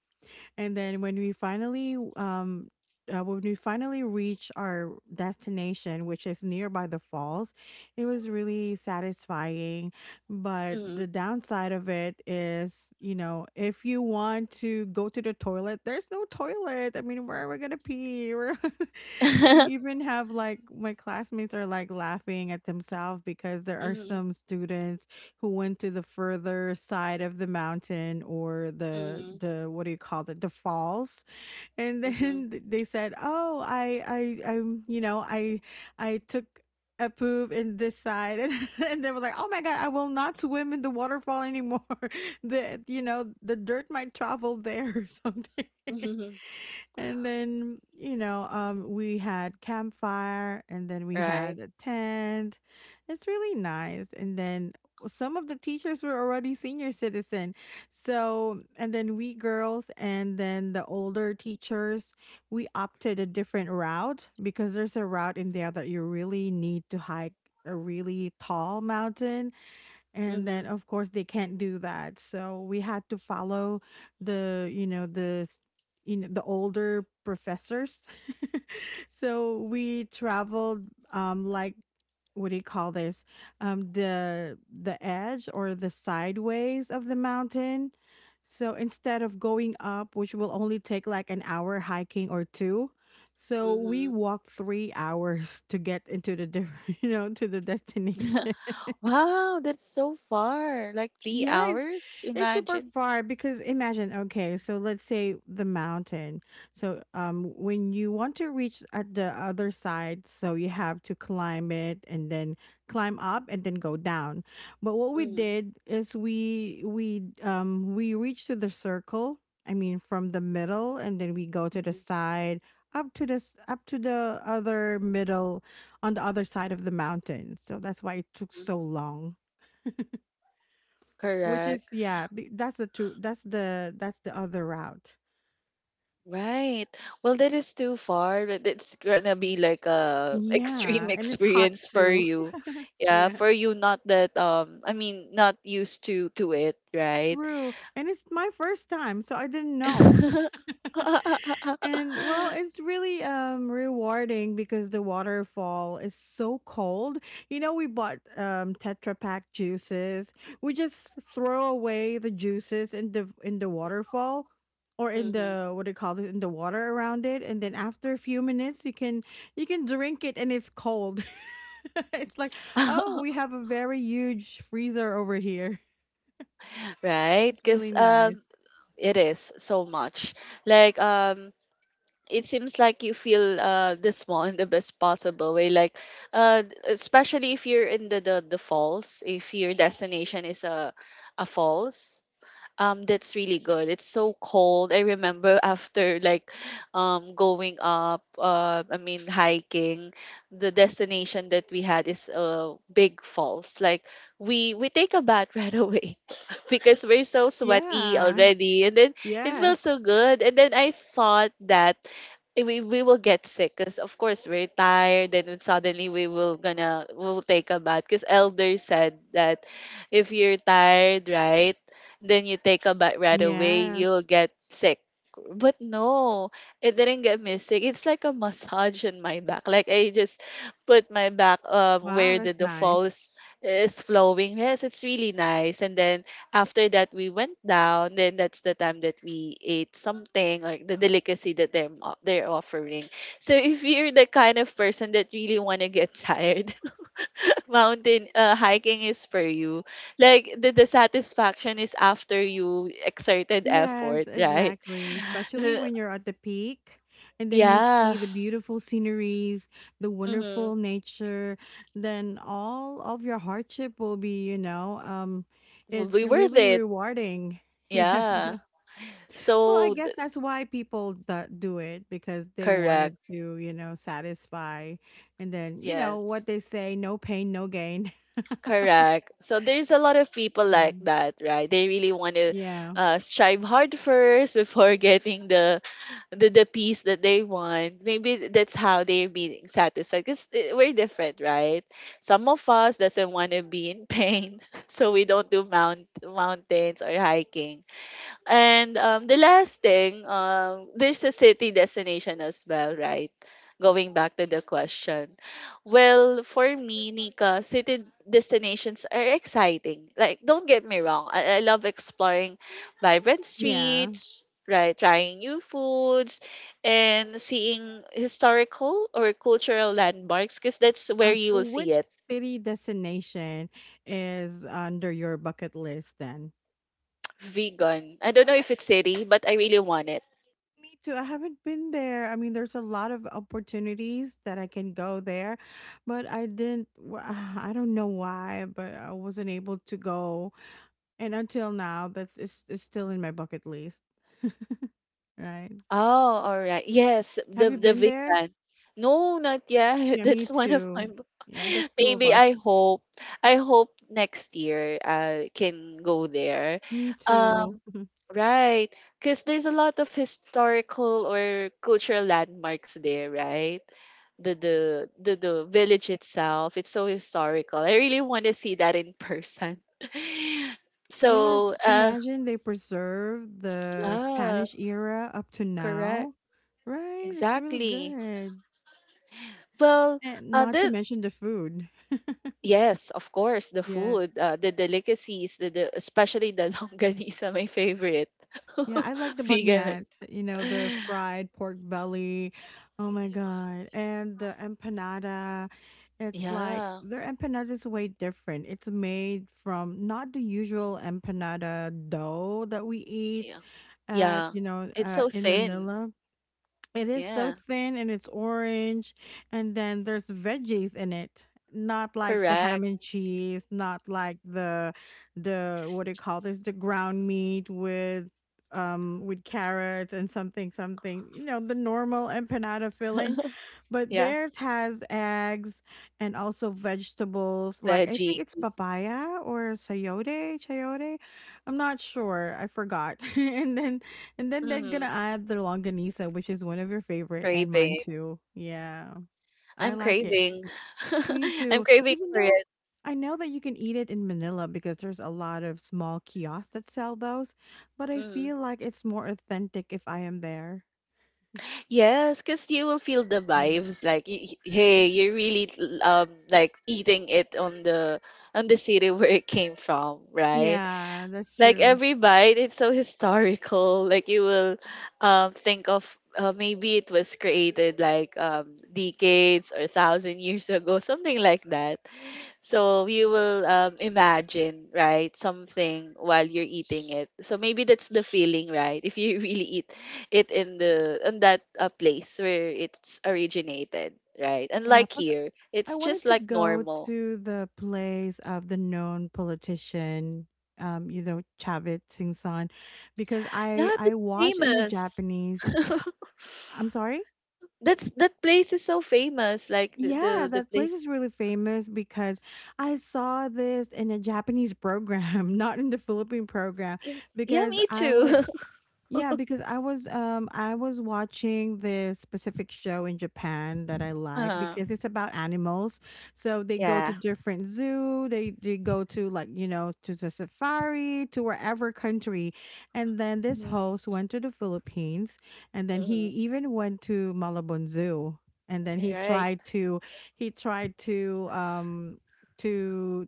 S1: And then when we finally um uh, when we finally reached our destination, which is nearby the falls, it was really satisfying. But
S2: Mm-hmm.
S1: the downside of it is, you know, if you want to go to the toilet, there's no toilet. I mean, where are we gonna pee? We're- we even have like my classmates are like laughing at themselves because there are
S2: mm-hmm.
S1: some students who went to the further side of the mountain or the
S2: Mm-hmm.
S1: the what do you call it, the falls. And
S2: Mm-hmm.
S1: then they said, "Oh, I I I'm you know I I took a poop in this side." and, and they were like, "Oh my God, I will not swim in the waterfall anymore." the you know the dirt might travel there, or something. And then you know um we had campfire and then we
S2: Right.
S1: had a tent. It's really nice. And then some of the teachers were already senior citizen, so and then we girls and then the older teachers, we opted a different route because there's a route in there that you really need to hike a really tall mountain, and then
S2: Mm-hmm.
S1: of course they can't do that, so we had to follow the you know the s- you know the older professors. So we traveled um like, what do you call this, um the the edge or the sideways of the mountain. So instead of going up, which will only take like an hour hiking or two, so we
S2: Mm-hmm.
S1: walked three hours to get into the different you know to the destination.
S2: Wow, that's so far. Like three
S1: Yeah, it's
S2: hours?
S1: it's super
S2: Imagine.
S1: far because, imagine, okay, so let's say the mountain. So um when you want to reach at the other side, so you have to climb it and then climb up and then go down. But what we did is we we um we reached to the circle, I mean from the middle and then we go to the
S2: Mhm.
S1: side up to this up to the other middle on the other side of the mountain. So that's why it took so long. Which
S2: Correct.
S1: is, yeah, be- that's the two that's the that's the other route.
S2: Right. Well, that is too far. But It's gonna be like a extreme
S1: Yeah, and it's hot
S2: experience for
S1: too.
S2: you. Yeah,
S1: Yeah,
S2: for you not that um I mean not used to to it, right?
S1: true. And it's my first time, so I didn't know. And well, it's really um rewarding because the waterfall is so cold. You know, we bought um Tetra Pak juices. We just throw away the juices in the in the waterfall or in
S2: hmm.
S1: the, what do you call it, in the water around it, and then after a few minutes you can you can drink it and it's cold. It's like, "Oh, we have a very huge freezer over here."
S2: Right?
S1: It's really
S2: Because
S1: nice.
S2: um it is so much. Like um it seems like you feel uh the small in the best possible way like uh d- especially if you're in the the, the falls if your destination is a a falls, um, that's really good. It's so cold. I remember after like um going up, uh, I mean hiking, the destination that we had is uh big falls. Like we we take a bath right away because we're so sweaty
S1: Yeah.
S2: already, and then it feels
S1: Yes.
S2: so good. And then I thought that eh, we we will get sick because of course we're tired and then suddenly we will gonna we'll take a bath because elder said that if you're tired, right, then you take a bite right away,
S1: Yeah.
S2: you'll get sick. But no, it didn't get me sick. It's like a massage in my back. Like I just put my back um
S1: Wow,
S2: where the,
S1: that's
S2: the
S1: nice.
S2: falls is flowing. Yes, it's really nice. And then after that we went down. Then that's the time that we ate something like the delicacy that they're mo- they're offering. So if you're the kind of person that really want to get tired, mountain uh, hiking is for you like the, the satisfaction is after you exerted
S1: Yes,
S2: effort, right?
S1: exactly. Especially
S2: Uh,
S1: when you're at the peak and then you
S2: yeah,
S1: see the beautiful sceneries, the
S2: mm-hmm.
S1: wonderful nature, then all of your hardship will be, you know, um,
S2: Will
S1: it's
S2: be worth
S1: really
S2: it,
S1: rewarding. Yeah.
S2: yeah.
S1: Well, I
S2: so
S1: guess
S2: th-
S1: that's why people that do it, because they
S2: Correct.
S1: wanted to, you know, satisfy. And then, you know, what
S2: Yes.
S1: they say, no pain, no gain.
S2: Correct. So there's a lot of people
S1: Yeah.
S2: like that, right? They really want to
S1: Yeah.
S2: uh, strive hard first before getting the the, the peace that they want. Maybe that's how they're being satisfied because we're different, right? Some of us doesn't want to be in pain, so we don't do mount, mountains or hiking. And um, the last thing, um, there's a city destination as well, right? Going back to the question. Well, for me, Nika, city destinations are exciting. Like, don't get me wrong, I, I love exploring vibrant
S1: Yeah.
S2: streets, right? Trying new foods and seeing historical or cultural landmarks because that's where
S1: Uh,
S2: you
S1: so
S2: will see
S1: which
S2: it.
S1: city destination is under your bucket list then?
S2: Vegan. I don't know if it's city, but I really want it.
S1: Me too. I haven't been there. I mean, there's a lot of opportunities that I can go there, but I didn't. w- I don't know why, but I wasn't able to go. And until now, that's it's, it's still in my bucket list. Right.
S2: Oh, alright. Yes,
S1: Have
S2: the
S1: you
S2: the
S1: been there?
S2: vegan. No, not yet.
S1: Yeah, me
S2: That's one of my
S1: too.
S2: b-
S1: Yeah, that's two of
S2: maybe
S1: us.
S2: I hope I hope next year I can go there.
S1: Me too.
S2: Um, right, because there's a lot of historical or cultural landmarks there, right? The the the the village itself, it's so historical. I really want to see that in person.
S1: Yes,
S2: So, uh,
S1: imagine they preserve the
S2: yeah,
S1: Spanish era up to
S2: correct.
S1: now, right? It's really
S2: Exactly.
S1: good.
S2: Well,
S1: And
S2: uh,
S1: not to
S2: the
S1: mention the food.
S2: yes, of course, the
S1: Yeah.
S2: food, uh, the delicacies, the, the especially the longganisa, my favorite.
S1: Yeah, I like the bagnat,
S2: Vegan,
S1: you know, the fried pork belly. Oh my God. And the empanada. It's like
S2: yeah,
S1: their empanada is way different. It's made from not the usual empanada dough that we eat
S2: yeah,
S1: at,
S2: yeah.
S1: you know,
S2: It's
S1: uh,
S2: so
S1: in
S2: thin.
S1: Manila. It is so
S2: Yeah,
S1: thin and it's orange, and then there's veggies in it. Not like the ham
S2: correct.
S1: and cheese, not like the the what do you call this? The ground meat with um with carrots and something something. You know, the normal empanada filling, but
S2: Yeah.
S1: theirs has eggs and also vegetables. Like I
S2: Veggie.
S1: think it's papaya or sayote, chayote. I'm not sure. I forgot. and then and then they're
S2: Hmm.
S1: gonna add the longanisa, which is one of your favorite and mine
S2: Craving.
S1: too. Yeah, I
S2: I'm
S1: like it.
S2: craving.
S1: Me
S2: I'm
S1: too.
S2: craving
S1: Even
S2: for
S1: though
S2: it.
S1: I know that you can eat it in Manila because there's a lot of small kiosks that sell those, but I
S2: Mhm.
S1: feel like it's more authentic if I am there.
S2: Yes, because you will feel the
S1: Yeah.
S2: vibes. Like, y- y- hey, you're really l- um like eating it on the on the city where it came from, right?
S1: Yeah, that's
S2: Like
S1: true.
S2: every bite, it's so historical. Like you will um think of uh, maybe it was created like um decades or thousand years ago, something like that. So you will, um, imagine, right, something while you're eating it. So maybe that's the feeling, right? If you really eat it in the in that uh, place where it's originated, right? And
S1: Yeah.
S2: like
S1: Plus,
S2: here,
S1: I
S2: it's
S1: wanted
S2: just
S1: to
S2: like
S1: go
S2: normal.
S1: to the place of the known politician, um, you know, Chavit Singh San, because
S2: Yeah,
S1: I
S2: that's
S1: I watched in a
S2: famous.
S1: Japanese. I'm sorry.
S2: That's that place is so famous. Like the
S1: Yeah,
S2: the, the
S1: that place
S2: place.
S1: is really famous because I saw this in a Japanese program, not in the Philippine program,
S2: Im- Yeah,
S1: because
S2: me
S1: I
S2: too.
S1: was, yeah, because I was um I was watching this specific show in Japan that I like
S2: Uh-huh.
S1: because it's about animals. So they go to
S2: Yeah.
S1: different zoo, they they go to, like, you know, to the safari, to wherever country. And then this
S2: Mm-hmm.
S1: host went to the Philippines and then he
S2: Mm-hmm.
S1: even went to Malabon Zoo. And then he
S2: Right.
S1: tried to he tried to um to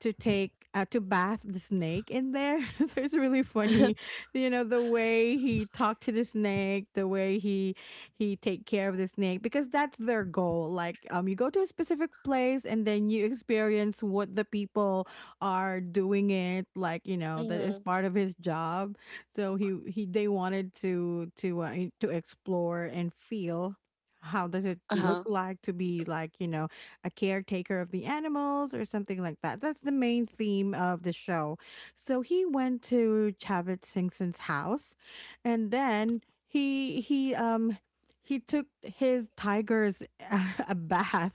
S1: to take uh, to bath the snake in there. So it's really funny, you know, the way he talked to the snake, the way he he take care of the snake because that's their goal. Like, um, you go to a specific place and then you experience what the people are doing it. Like, you know, that is
S2: Mm-hmm.
S1: part of his job. So he he they wanted to to uh, to explore and feel how does it
S2: Uh
S1: look
S2: huh.
S1: like to be, like, you know, a caretaker of the animals or something like that. That's the main theme of the show. So he went to Chavit Singh house and then he he um he took his tigers a bath.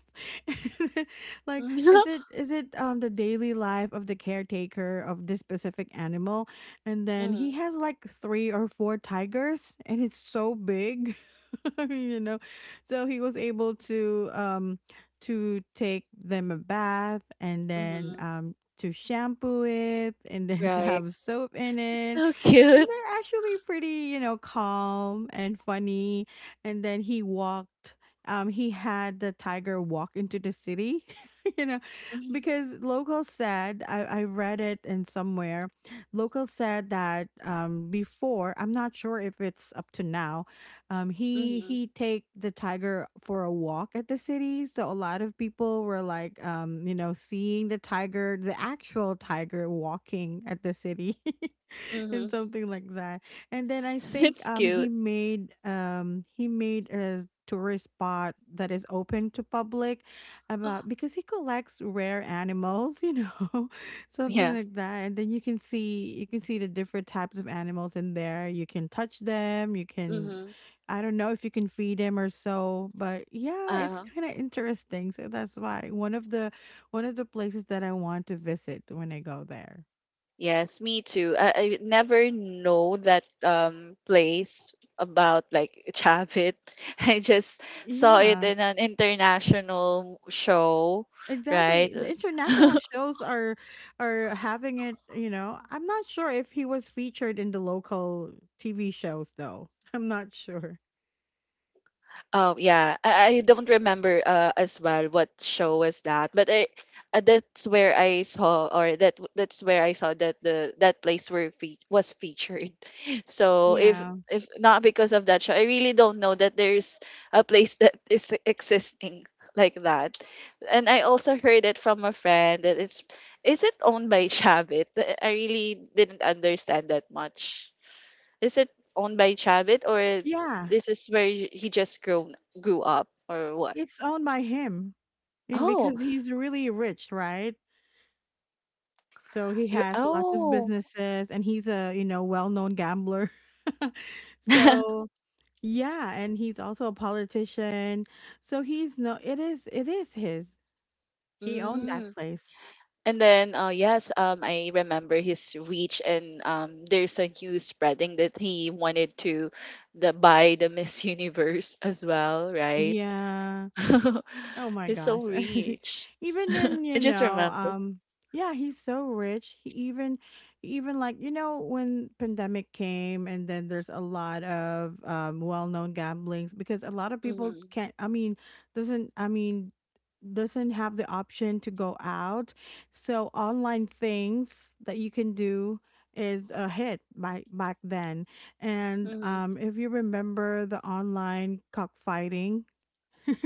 S1: Like, is
S2: Mm-hmm.
S1: it is it um the daily life of the caretaker of this specific animal, and then he has like three or four tigers and it's so big. You know, so he was able to um to take them a bath and then
S2: Mm-hmm.
S1: um to shampoo it and then to
S2: Right.
S1: have soap in
S2: It's
S1: it,
S2: so
S1: and
S2: cute.
S1: they're actually pretty, you know, calm and funny. And then he walked, um, he had the tiger walk into the city, you know, because locals said, I, I read it in somewhere. Locals said that, um, before, I'm not sure if it's up to now, um,
S2: Mhm,
S1: he,
S2: mhm,
S1: he take the tiger for a walk at the city. So a lot of people were like, um, you know, seeing the tiger, the actual tiger walking at the city. And
S2: mhm.
S1: something like that. And then I think
S2: It's
S1: um he
S2: cute.
S1: made um he made a tourist spot that is open to public about because he collects rare animals, you know. Something
S2: Yeah.
S1: like that. And then you can see you can see the different types of animals in there. You can touch them, you can,
S2: Mm-hmm.
S1: I don't know if you can feed them or so, but yeah, it's
S2: Uh,
S1: kind of interesting. So that's why one of the one of the places that I want to visit when I go there.
S2: yes, me too. I, I never know that um place about like Chavit. I just saw it
S1: Yeah.
S2: in an international show, right?
S1: Exactly. The international shows are are having it, you know. I'm not sure if he was featured in the local T V shows though. I'm not sure.
S2: Oh yeah, I, I don't remember uh, as well what show was that, but I uh, that's where I saw or that that's where I saw that the that place were fe- was featured. So if
S1: Yeah.
S2: if not because of that show, I really don't know that there's a place that is existing like that. And I also heard it from a friend that it's is it owned by Chavit? I really didn't understand that much. Is it owned by Chavit or
S1: Yeah.
S2: this is where y- he just grown grew up or what?
S1: It's owned by him, and
S2: Oh,
S1: because he's really rich, right? So he
S2: you
S1: has lots of
S2: oh.
S1: businesses and he's a, you know, well-known gambler. So, yeah, and he's also a politician. So he's no, it is it is his. He owned that
S2: Mm.
S1: place.
S2: And then, uh, yes, um, I remember his reach, and um, there's a news spreading that he wanted to the buy the Miss Universe as well, right?
S1: Yeah. Oh my
S2: He's so
S1: gosh.
S2: rich.
S1: Even in,
S2: I
S1: you
S2: just
S1: know,
S2: remember.
S1: um yeah, he's so rich. He even even, like, you know, when pandemic came and then there's a lot of um well-known gamblings because a lot of people
S2: Hmm.
S1: can't, I mean, doesn't I mean doesn't have the option to go out. So online things that you can do is a hit by back then. And
S2: Hmm.
S1: um if you remember the online cockfighting.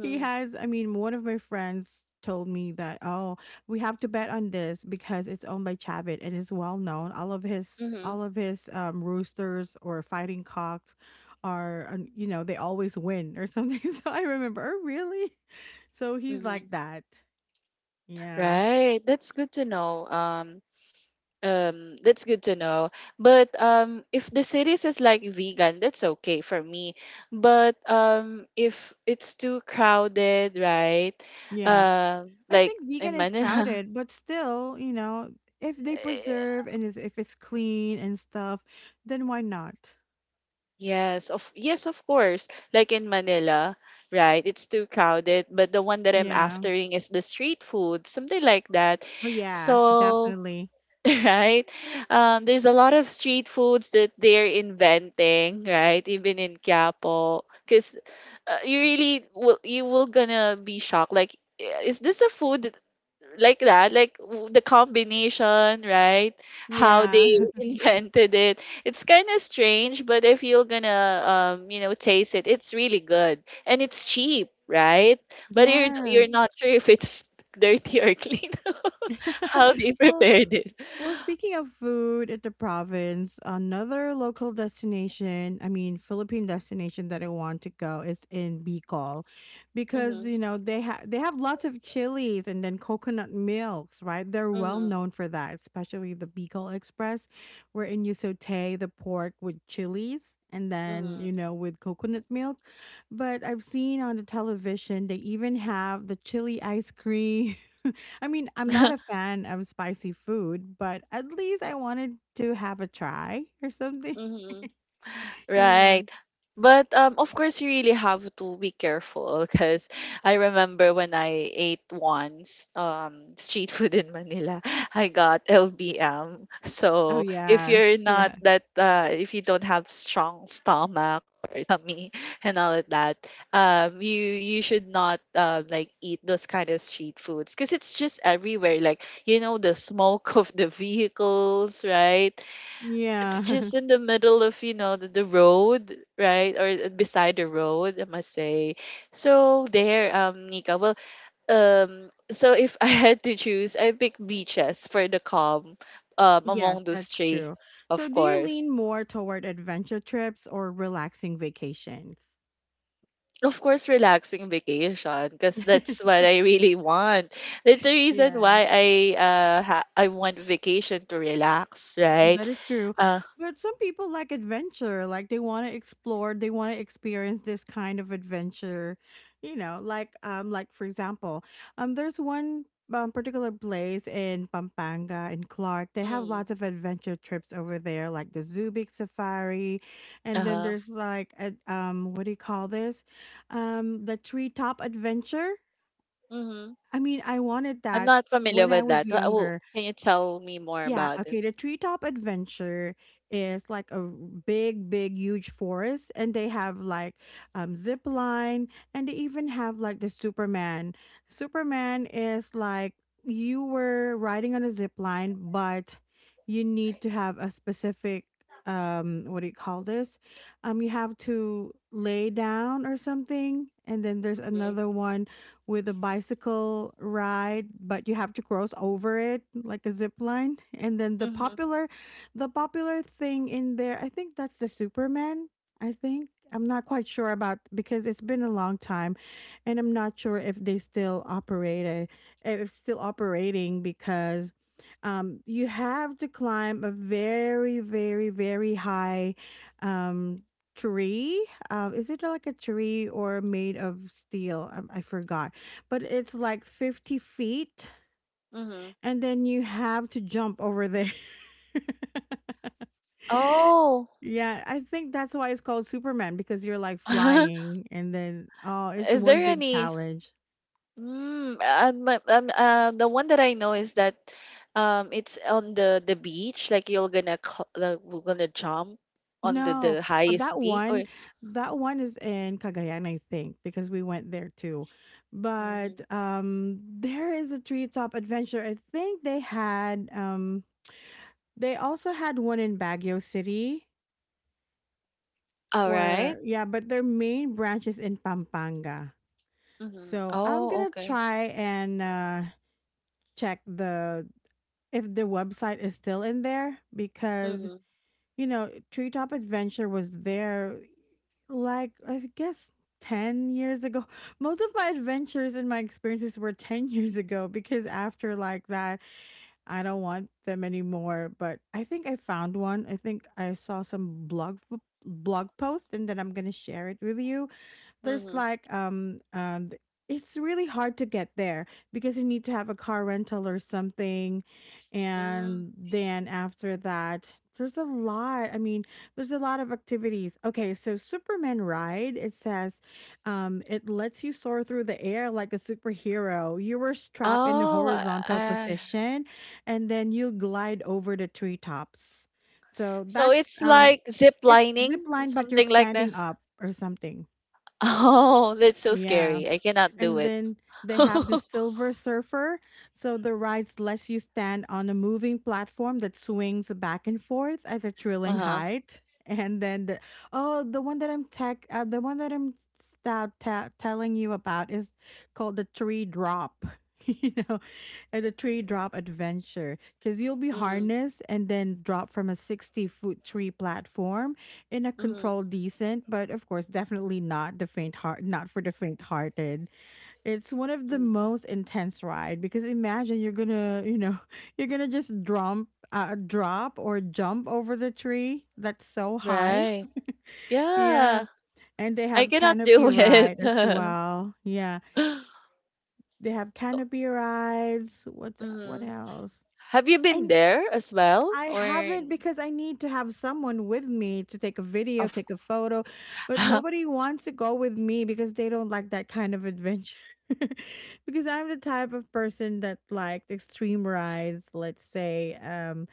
S1: He has, i mean one of my friends told me that, oh, we have to bet on this because it's owned by Chavit and is well known. All of his,
S2: Hmm.
S1: all of his um, roosters or fighting cocks are, um, you know they always win or something. So I remember, oh really, so he's
S2: Hmm.
S1: like that. Yeah.
S2: Right. That's good to know. Um, Um, that's good to know. But um, if the series is like vegan, that's okay for me. But um, if it's too crowded, right?
S1: Yeah,
S2: Um,
S1: I
S2: like
S1: think vegan
S2: in
S1: is
S2: Manila.
S1: crowded but still, you know, if they
S2: eh,
S1: preserve and is if it's clean and stuff, then why not.
S2: Yes, of yes, of course. Like in Manila, right? It's too crowded. But the one that I'm
S1: Yeah.
S2: aftering is the street food, something like that.
S1: Oh, yeah,
S2: So
S1: definitely.
S2: right? Um, there's a lot of street foods that they're inventing, right? Even in Quiapo, because uh, you really will you will gonna be shocked. Like, "I- is this a food that- like that? Like w- the combination, right? How they
S1: Yeah.
S2: invented it. It's kind of strange, but if you're gonna, um, you know, taste it, it's really good and it's cheap, right? But you're you're
S1: Yes.
S2: not sure if it's dirty or clean how they
S1: Well,
S2: prepared
S1: Well, speaking of food at the province, another local destination, I mean, Philippine destination that I want to go is in Bicol because, you
S2: it.
S1: know, they have they have lots of chilies and then coconut milks, right? They're well
S2: Mhm,
S1: known for that, especially the Bicol Express, wherein you saute the pork with chilies and then, you
S2: mhm.
S1: know, with coconut milk. But I've seen on the television they even have the chili ice cream. I mean, I'm not a fan of spicy food, but at least I wanted to have a try or something.
S2: Mhm.
S1: Yeah.
S2: Right. But um, of course, you really have to be careful because I remember when I ate once um, street food in Manila, I got L B M.
S1: Oh,
S2: So if you're
S1: yes.
S2: not
S1: Yeah.
S2: that, uh, if you don't have strong stomach or tummy and all of that, um, you you should not uh, like eat those kind of street foods because it's just everywhere. Like you know the smoke of the vehicles, right? It's
S1: Yeah.
S2: just in the middle of, you know, the, the road, right? Or uh, beside the road, I must say. So there, um, Nika. Well, um, so if I had to choose, I pick beaches for the calm, um,
S1: Yes,
S2: among those
S1: that's
S2: three,
S1: true. So,
S2: of
S1: do you
S2: course.
S1: lean more toward adventure trips or relaxing vacations?
S2: Of course, relaxing vacation, because that's what I really want. That's the reason
S1: Yes.
S2: why I uh ha I want vacation to relax, right?
S1: That is true.
S2: Uh,
S1: But some people like adventure, like they want to explore, they want to experience this kind of adventure, you know, like, um like for example, um there's one um, particular place in Pampanga in Clark. They have
S2: mm,
S1: lots of adventure trips over there like the Zubik Safari, and then
S2: uh-huh.
S1: there's like a, um what do you call this? Um the treetop adventure.
S2: Mhm.
S1: I mean, I wanted
S2: I'm
S1: that
S2: not familiar
S1: when I
S2: with
S1: was
S2: that. Wha- Oh,
S1: younger.
S2: can you tell me more
S1: Yeah,
S2: about it?
S1: okay. The treetop adventure is like a big, big, huge forest, and they have like, um, zip line, and they even have like the Superman. Superman is like you were riding on a zip line, but you need to have a specific, um, what do you call this? Um, you have to lay down or something, and then there's
S2: Mhm.
S1: another one with a bicycle ride, but you have to cross over it like a zip line. And then the
S2: Mhm.
S1: popular the popular thing in there, I think that's the Superman. I think, I'm not quite sure about because it's been a long time and I'm not sure if they still operate it, if it's still operating because, um, you have to climb a very, very, very high, um, tree. Um, is it like a tree or made of steel? I, I forgot, but it's like fifty feet
S2: Mhm.
S1: and then you have to jump over there.
S2: Oh,
S1: Yeah, I think that's why it's called Superman because you're like flying, and then, oh, it's
S2: is
S1: one
S2: there
S1: big
S2: any?
S1: challenge.
S2: Mm, um, uh, um, uh, the one that I know is that um, it's on the the beach. Like you're gonna cl- like, we're gonna jump on the
S1: No,
S2: the
S1: uh,
S2: highest
S1: that
S2: peak. Or
S1: one, that one is in Cagayan, I think, because we went there too.
S2: Mhm.
S1: But um, there is a treetop adventure. I think they had um, they also had one in Baguio City.
S2: all right.
S1: Or yeah, but their main branch is in Pampanga.
S2: Mhm.
S1: So I'm
S2: Oh,
S1: gonna
S2: okay.
S1: try and uh, check the if the website is still in there because,
S2: Mhm.
S1: you know, Treetop Adventure was there like, I guess, ten years ago. Most of my adventures and my experiences were ten years ago because after like that, I don't want them anymore. But I think I found one. I think I saw some blog blog post and then I'm going to share it with you. There's
S2: Mhm.
S1: like um um th- it's really hard to get there because you need to have a car rental or something,
S2: Mhm.
S1: and then after that there's a lot, i mean there's a lot of activities. Okay, so Superman ride, it says, um it lets you soar through the air like a superhero. You were strapped in a
S2: Oh,
S1: horizontal
S2: uh,
S1: position, and then you glide over the treetops. So
S2: so
S1: that's
S2: it's
S1: um
S2: like zip
S1: it's
S2: lining,
S1: zip line but you're
S2: something like that.
S1: standing up or something.
S2: Oh, that's so
S1: Yeah,
S2: scary. I cannot do
S1: and
S2: it.
S1: then they have the Silver Surfer. So the ride lets you stand on a moving platform that swings back and forth at a thrilling
S2: Uh-huh.
S1: height. And then the, oh, the one that I'm tech, uh, the one that I'm s- ta- telling you about is called the Tree Drop. You know, and the tree drop adventure because you'll be
S2: Mhm.
S1: harnessed and then dropped from a sixty foot tree platform in a
S2: Mhm.
S1: controlled decent, but of course, definitely not the faint heart not for the faint hearted. It's one of the
S2: Mhm.
S1: most intense ride because imagine you're gonna, you know, you're gonna just drop, uh, drop or jump over the tree that's so high.
S2: Right. Yeah.
S1: Yeah, and they
S2: I
S1: have
S2: cannot
S1: canopy
S2: do it.
S1: ride as well. Yeah, they have canopy rides. What's what
S2: Mhm.
S1: else?
S2: Have you been
S1: And
S2: there as well?
S1: I
S2: Or
S1: haven't because I need to have someone with me to take a video,
S2: of
S1: take a photo, but nobody wants to go with me because they don't like that kind of adventure. Because I'm the type of person that liked extreme rides, let's say, um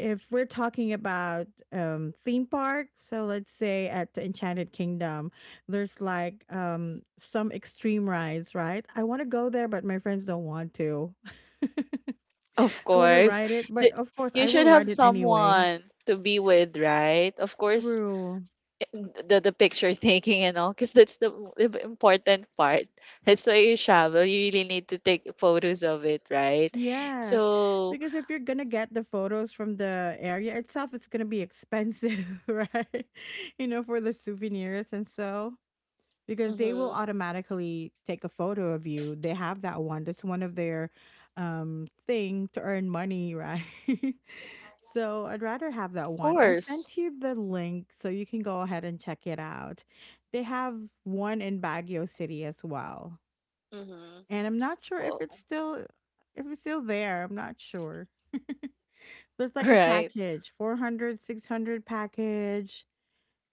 S1: if we're talking about um theme park, so let's say at the Enchanted Kingdom, there's like um some extreme rides, right? I want to go there but my friends don't want to.
S2: of
S1: I want to
S2: course.
S1: ride it, but
S2: The-
S1: of course
S2: You
S1: I will
S2: should have
S1: ride it anyway.
S2: someone to be with, right? Of course,
S1: True.
S2: the the picture taking and all because that's the m- im- important part. That's why you travel, you really need to take photos of it, right?
S1: Yes.
S2: So
S1: Because if you're gonna get the photos from the area itself, it's gonna be expensive, right? You know, for the souvenirs and so because
S2: mm-hmm,
S1: they will
S2: of
S1: automatically take a photo of you. They have that one. That's one of their um thing to earn money, right? So I'd rather have that one. I
S2: course
S1: sent you the link so you can go ahead and check it out. They have one in Baguio City as well.
S2: mm-hmm,
S1: And I'm not sure if
S2: well,
S1: it's still if it's still there, I'm not sure. There's like a
S2: right
S1: package, four hundred, six hundred package,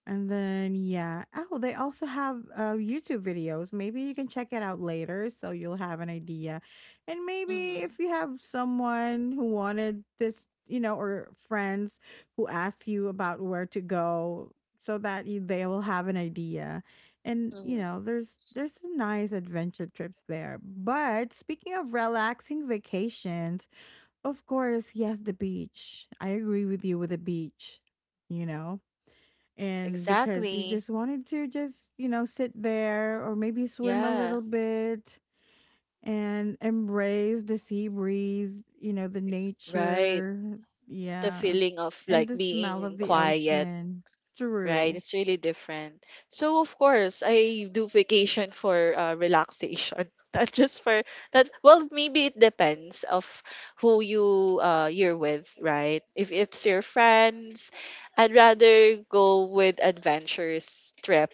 S1: and then yeah, oh, they also have uh, YouTube videos. Maybe you can check it out later, so you'll have an idea. And maybe
S2: mm-hmm,
S1: if you have someone who wanted this, you know, or friends who ask you about where to go, so that you, they will have an idea. And you
S2: mm-hmm.
S1: know, there's there's some nice adventure trips there. But speaking of relaxing vacations, of course, yes, the beach. I agree with you with the beach. You know, and because you
S2: Exactly,
S1: just wanted to just you know sit there or maybe swim a
S2: yeah.
S1: little bit and embrace the sea breeze, you know the
S2: Ex- right,
S1: nature,
S2: the
S1: yeah,
S2: feeling of
S1: and
S2: like
S1: the smell
S2: being
S1: of the
S2: quiet.
S1: ocean.
S2: Right,
S1: True.
S2: it's really different. So of course, I do vacation for uh, relaxation, not just for that. Well, maybe it depends of who you uh you're with, right? If it's your friends, I'd rather go with adventurous trip,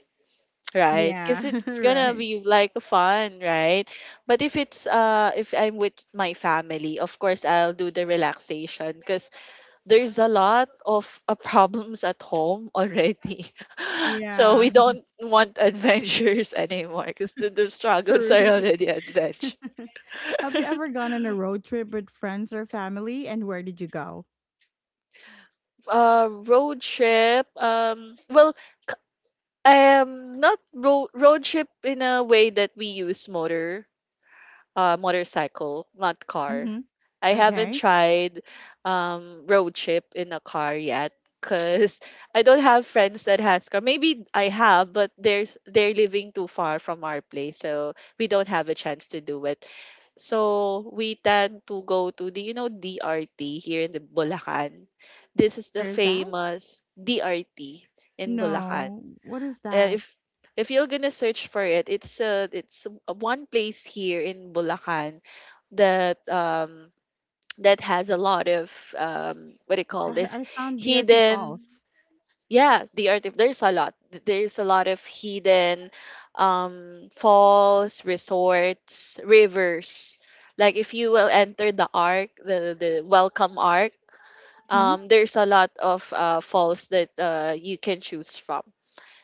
S2: right?
S1: Yeah.
S2: Because it's gonna
S1: right.
S2: be like fun, right? But if it's uh if I'm with my family, of course I'll do the relaxation because there's a lot of uh, problems at home already, so
S1: Yeah.
S2: we don't want adventures anymore because the, the struggles are
S1: true.
S2: already adventure.
S1: have you ever gone on a road trip with friends or family, and where did you go?
S2: uh, road trip. Um, well, um, not road road trip in a way that we use motor uh, motorcycle, not car.
S1: Mm-hmm.
S2: I haven't
S1: Okay.
S2: tried um, road trip in a car yet because I don't have friends that has car. Maybe I have, but there's they're living too far from our place, so we don't have a chance to do it. So we tend to go to the you know D R T here in the Bulacan. This is the
S1: Where is that?
S2: famous D R T in Bulacan.
S1: No, what is
S2: uh,
S1: that?
S2: if if you're gonna search for it, it's uh, it's a one place here in Bulacan that um that has a lot of um what do you call this,
S1: I, I found D R T
S2: hidden,
S1: Falls.
S2: yeah the artif there's a lot, there's a lot of hidden um falls, resorts, rivers. Like if you will enter the arc, the the welcome arc,
S1: Hmm.
S2: um there's a lot of uh falls that uh you can choose from.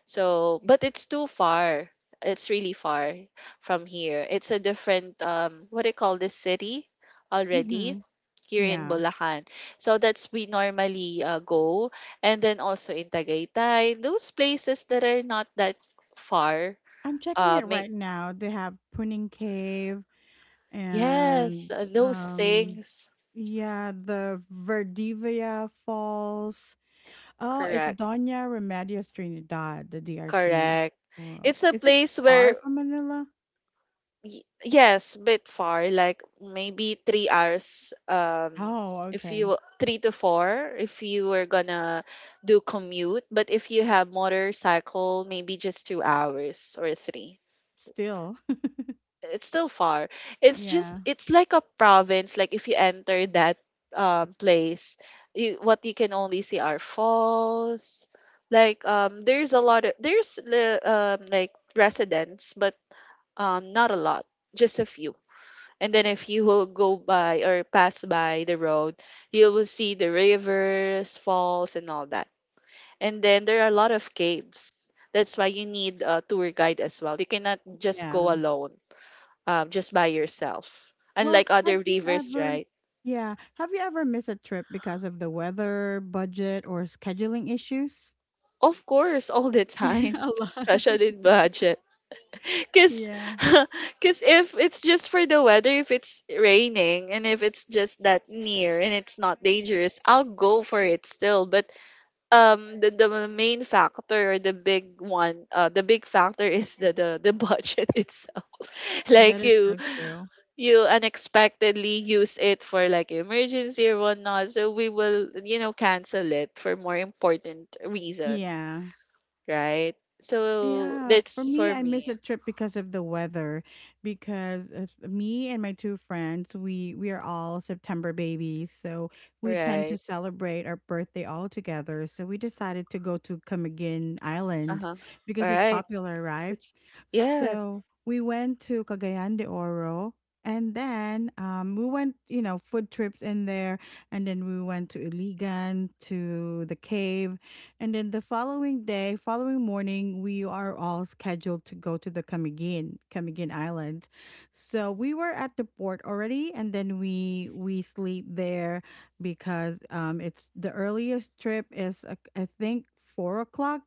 S2: So, but it's too far. It's really far from here. It's a different um what do you call this city already
S1: Hmm.
S2: here in
S1: Yeah.
S2: Bulacan. So that's we normally uh, go, and then also in Tagaytay, those places that are not that far.
S1: I'm checking
S2: Uh
S1: it
S2: may,
S1: right now. They have Puning Cave and
S2: yes, uh, those
S1: um,
S2: things.
S1: yeah, the Verdivia Falls. Oh, it's
S2: Correct.
S1: Doña Remedios Trinidad, the D R T.
S2: Correct.
S1: Wow.
S2: It's a
S1: Is it
S2: place where
S1: far from Manila?
S2: Y- yes, bit far, like maybe three hours. Um,
S1: Oh,
S2: if
S1: okay.
S2: you three to four, if you were gonna do commute, but if you have motorcycle, maybe just two hours or three.
S1: Still.
S2: It's still far. It's just
S1: Yeah.
S2: it's like a province. Like if you enter that um place, you, what you can only see are falls. Like um, there's a lot of there's uh, um like residents, but um not a lot, just a few, and then if you will go by or pass by the road, you will see the rivers, falls, and all that. And then there are a lot of caves. That's why you need a tour guide as well. You cannot just go
S1: Yeah.
S2: alone, um, just by yourself.
S1: Well,
S2: Unlike
S1: have
S2: other
S1: you
S2: rivers,
S1: ever
S2: right?
S1: yeah, have you ever missed a trip because of the weather, budget, or scheduling issues?
S2: Of course, all the
S1: Yeah,
S2: time,
S1: a lot.
S2: especially in budget. Because
S1: Yeah.
S2: because if it's just for the weather, if it's raining, and if it's just that near and it's not dangerous, I'll go for it still. But um the, the main factor or the big one, uh the big factor is the the, the budget itself.
S1: That
S2: Like
S1: is
S2: you
S1: so true.
S2: you unexpectedly use it for like emergency or whatnot, so we will you know cancel it for more important reason,
S1: Yeah.
S2: right? So
S1: Yeah, for
S2: that's
S1: me,
S2: for
S1: I miss a
S2: me.
S1: trip because of the weather. Because it's me and my two friends, we we are all September babies, so we tend to
S2: Right,
S1: celebrate our birthday all together. So we decided to go to Camiguin Island
S2: uh-huh, all
S1: because it's
S2: right,
S1: popular, right?
S2: it's yes
S1: So we went to Cagayan de Oro, and then um, we went, you know, food trips in there, and then we went to Iligan to the cave, and then the following day, following morning, we are all scheduled to go to the Camiguin, Camiguin Island. So we were at the port already, and then we we sleep there because um, it's the earliest trip is uh, I think four o'clock,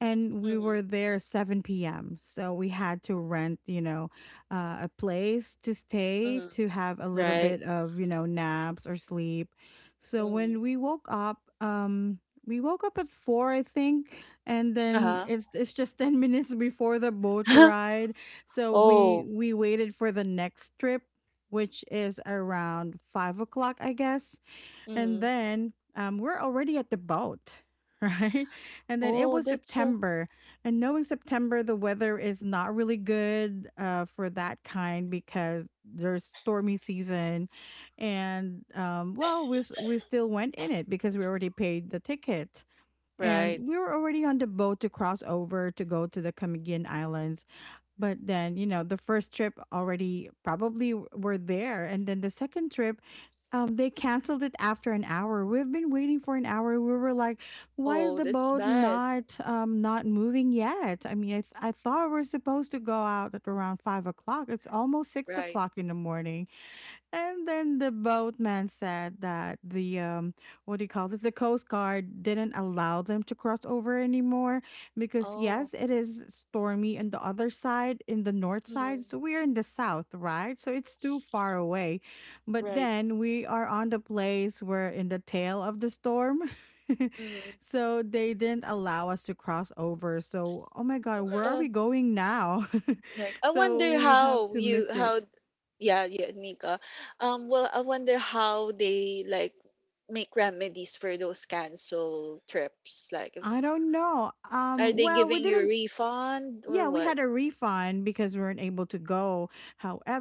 S1: and we were
S2: mm-hmm.
S1: there seven p m. So we had to rent, you know, uh, a place to stay
S2: Mm-hmm.
S1: to have a little
S2: Right
S1: bit of, you know, naps or sleep. So
S2: mm-hmm.
S1: when we woke up, um, we woke up at four, I think, and then
S2: Uh-huh.
S1: it's it's just ten minutes before the boat ride. So we
S2: Oh
S1: we waited for the next trip, which is around five o'clock, I guess. And
S2: mm-hmm.
S1: then um, we're already at the boat, right? And then it
S2: Oh,
S1: was
S2: that's so
S1: September, and knowing September, the weather is not really good uh, for that kind because there's stormy season. And um, well, we s- we still went in it because we already paid the ticket. And
S2: right.
S1: we were already on the boat to cross over to go to the Camiguin Islands. But then, you know, the first trip already probably w- were there. And then the second trip, um, they canceled it after an hour. We've been waiting for an hour. We were like, why is
S2: Oh,
S1: the
S2: that's
S1: boat
S2: bad.
S1: not um not moving yet? I mean, I, th- I thought we are supposed to go out at around five o'clock. It's almost six
S2: Right.
S1: o'clock in the morning. And then the boatman said that the um, what do you call this? The Coast Guard didn't allow them to cross over anymore because
S2: Oh.
S1: yes, it is stormy on the other side, in the north side.
S2: Mm.
S1: So we are in the south, right? So it's too far away. But
S2: Right.
S1: then we are on the place where in the tail of the storm.
S2: Mm.
S1: so they didn't allow us to cross over. So oh my god, where are
S2: Uh,
S1: we going now?
S2: like I
S1: so
S2: wonder
S1: we have
S2: how
S1: to
S2: you
S1: miss
S2: how,
S1: it.
S2: yeah, yeah, Nika. Um well, I wonder how they like make remedies for those cancel trips. Like if, s-
S1: I don't know.
S2: are
S1: Um,
S2: they
S1: well, we
S2: giving you a
S1: didn't
S2: refund or
S1: Yeah, we
S2: what?
S1: had a refund because we weren't able to go.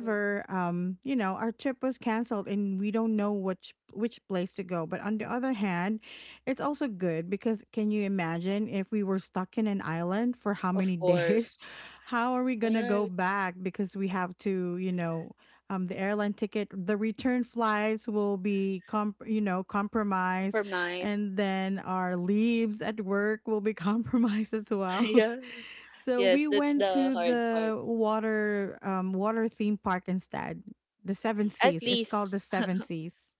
S2: Mm.
S1: um, you know, our trip was canceled and we don't know which which place to go. But on the other hand, it's also good because can you imagine if we were stuck in an island for how
S2: Of
S1: many days?
S2: course.
S1: How are we gonna go
S2: Right.
S1: back? Because we have to, you know, um, the airline ticket, the return flights will be, comp- you know, compromised,
S2: Compromise.
S1: and then our leaves at work will be compromised as well.
S2: Yeah.
S1: So
S2: Yes,
S1: we
S2: that's
S1: went
S2: the
S1: to
S2: hard part.
S1: the water um water theme park instead. The Seven
S2: At
S1: Seas. It's called
S2: least
S1: the Seven Seas.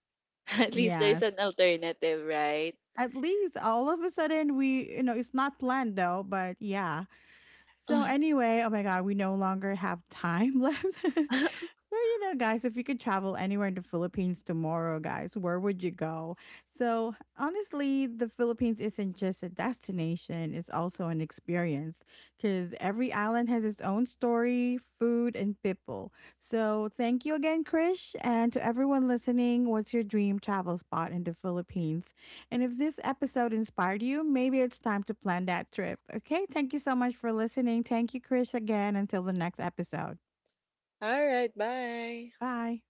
S2: at least there's an
S1: Yes.
S2: alternative, right?
S1: At least all of a sudden we, you know, it's not planned though, but yeah. So anyway, oh my god, we no longer have time left. But you know, guys, if you could travel anywhere in the Philippines tomorrow, guys, where would you go? So, honestly, the Philippines isn't just a destination, it's also an experience because every island has its own story, food, and people. So, thank you again, Krish. And to everyone listening, what's your dream travel spot in the Philippines? And if this episode inspired you, maybe it's time to plan that trip. Okay, thank you so much for listening. Thank you, Krish, again. Until the next episode.
S2: All right, bye.
S1: Bye.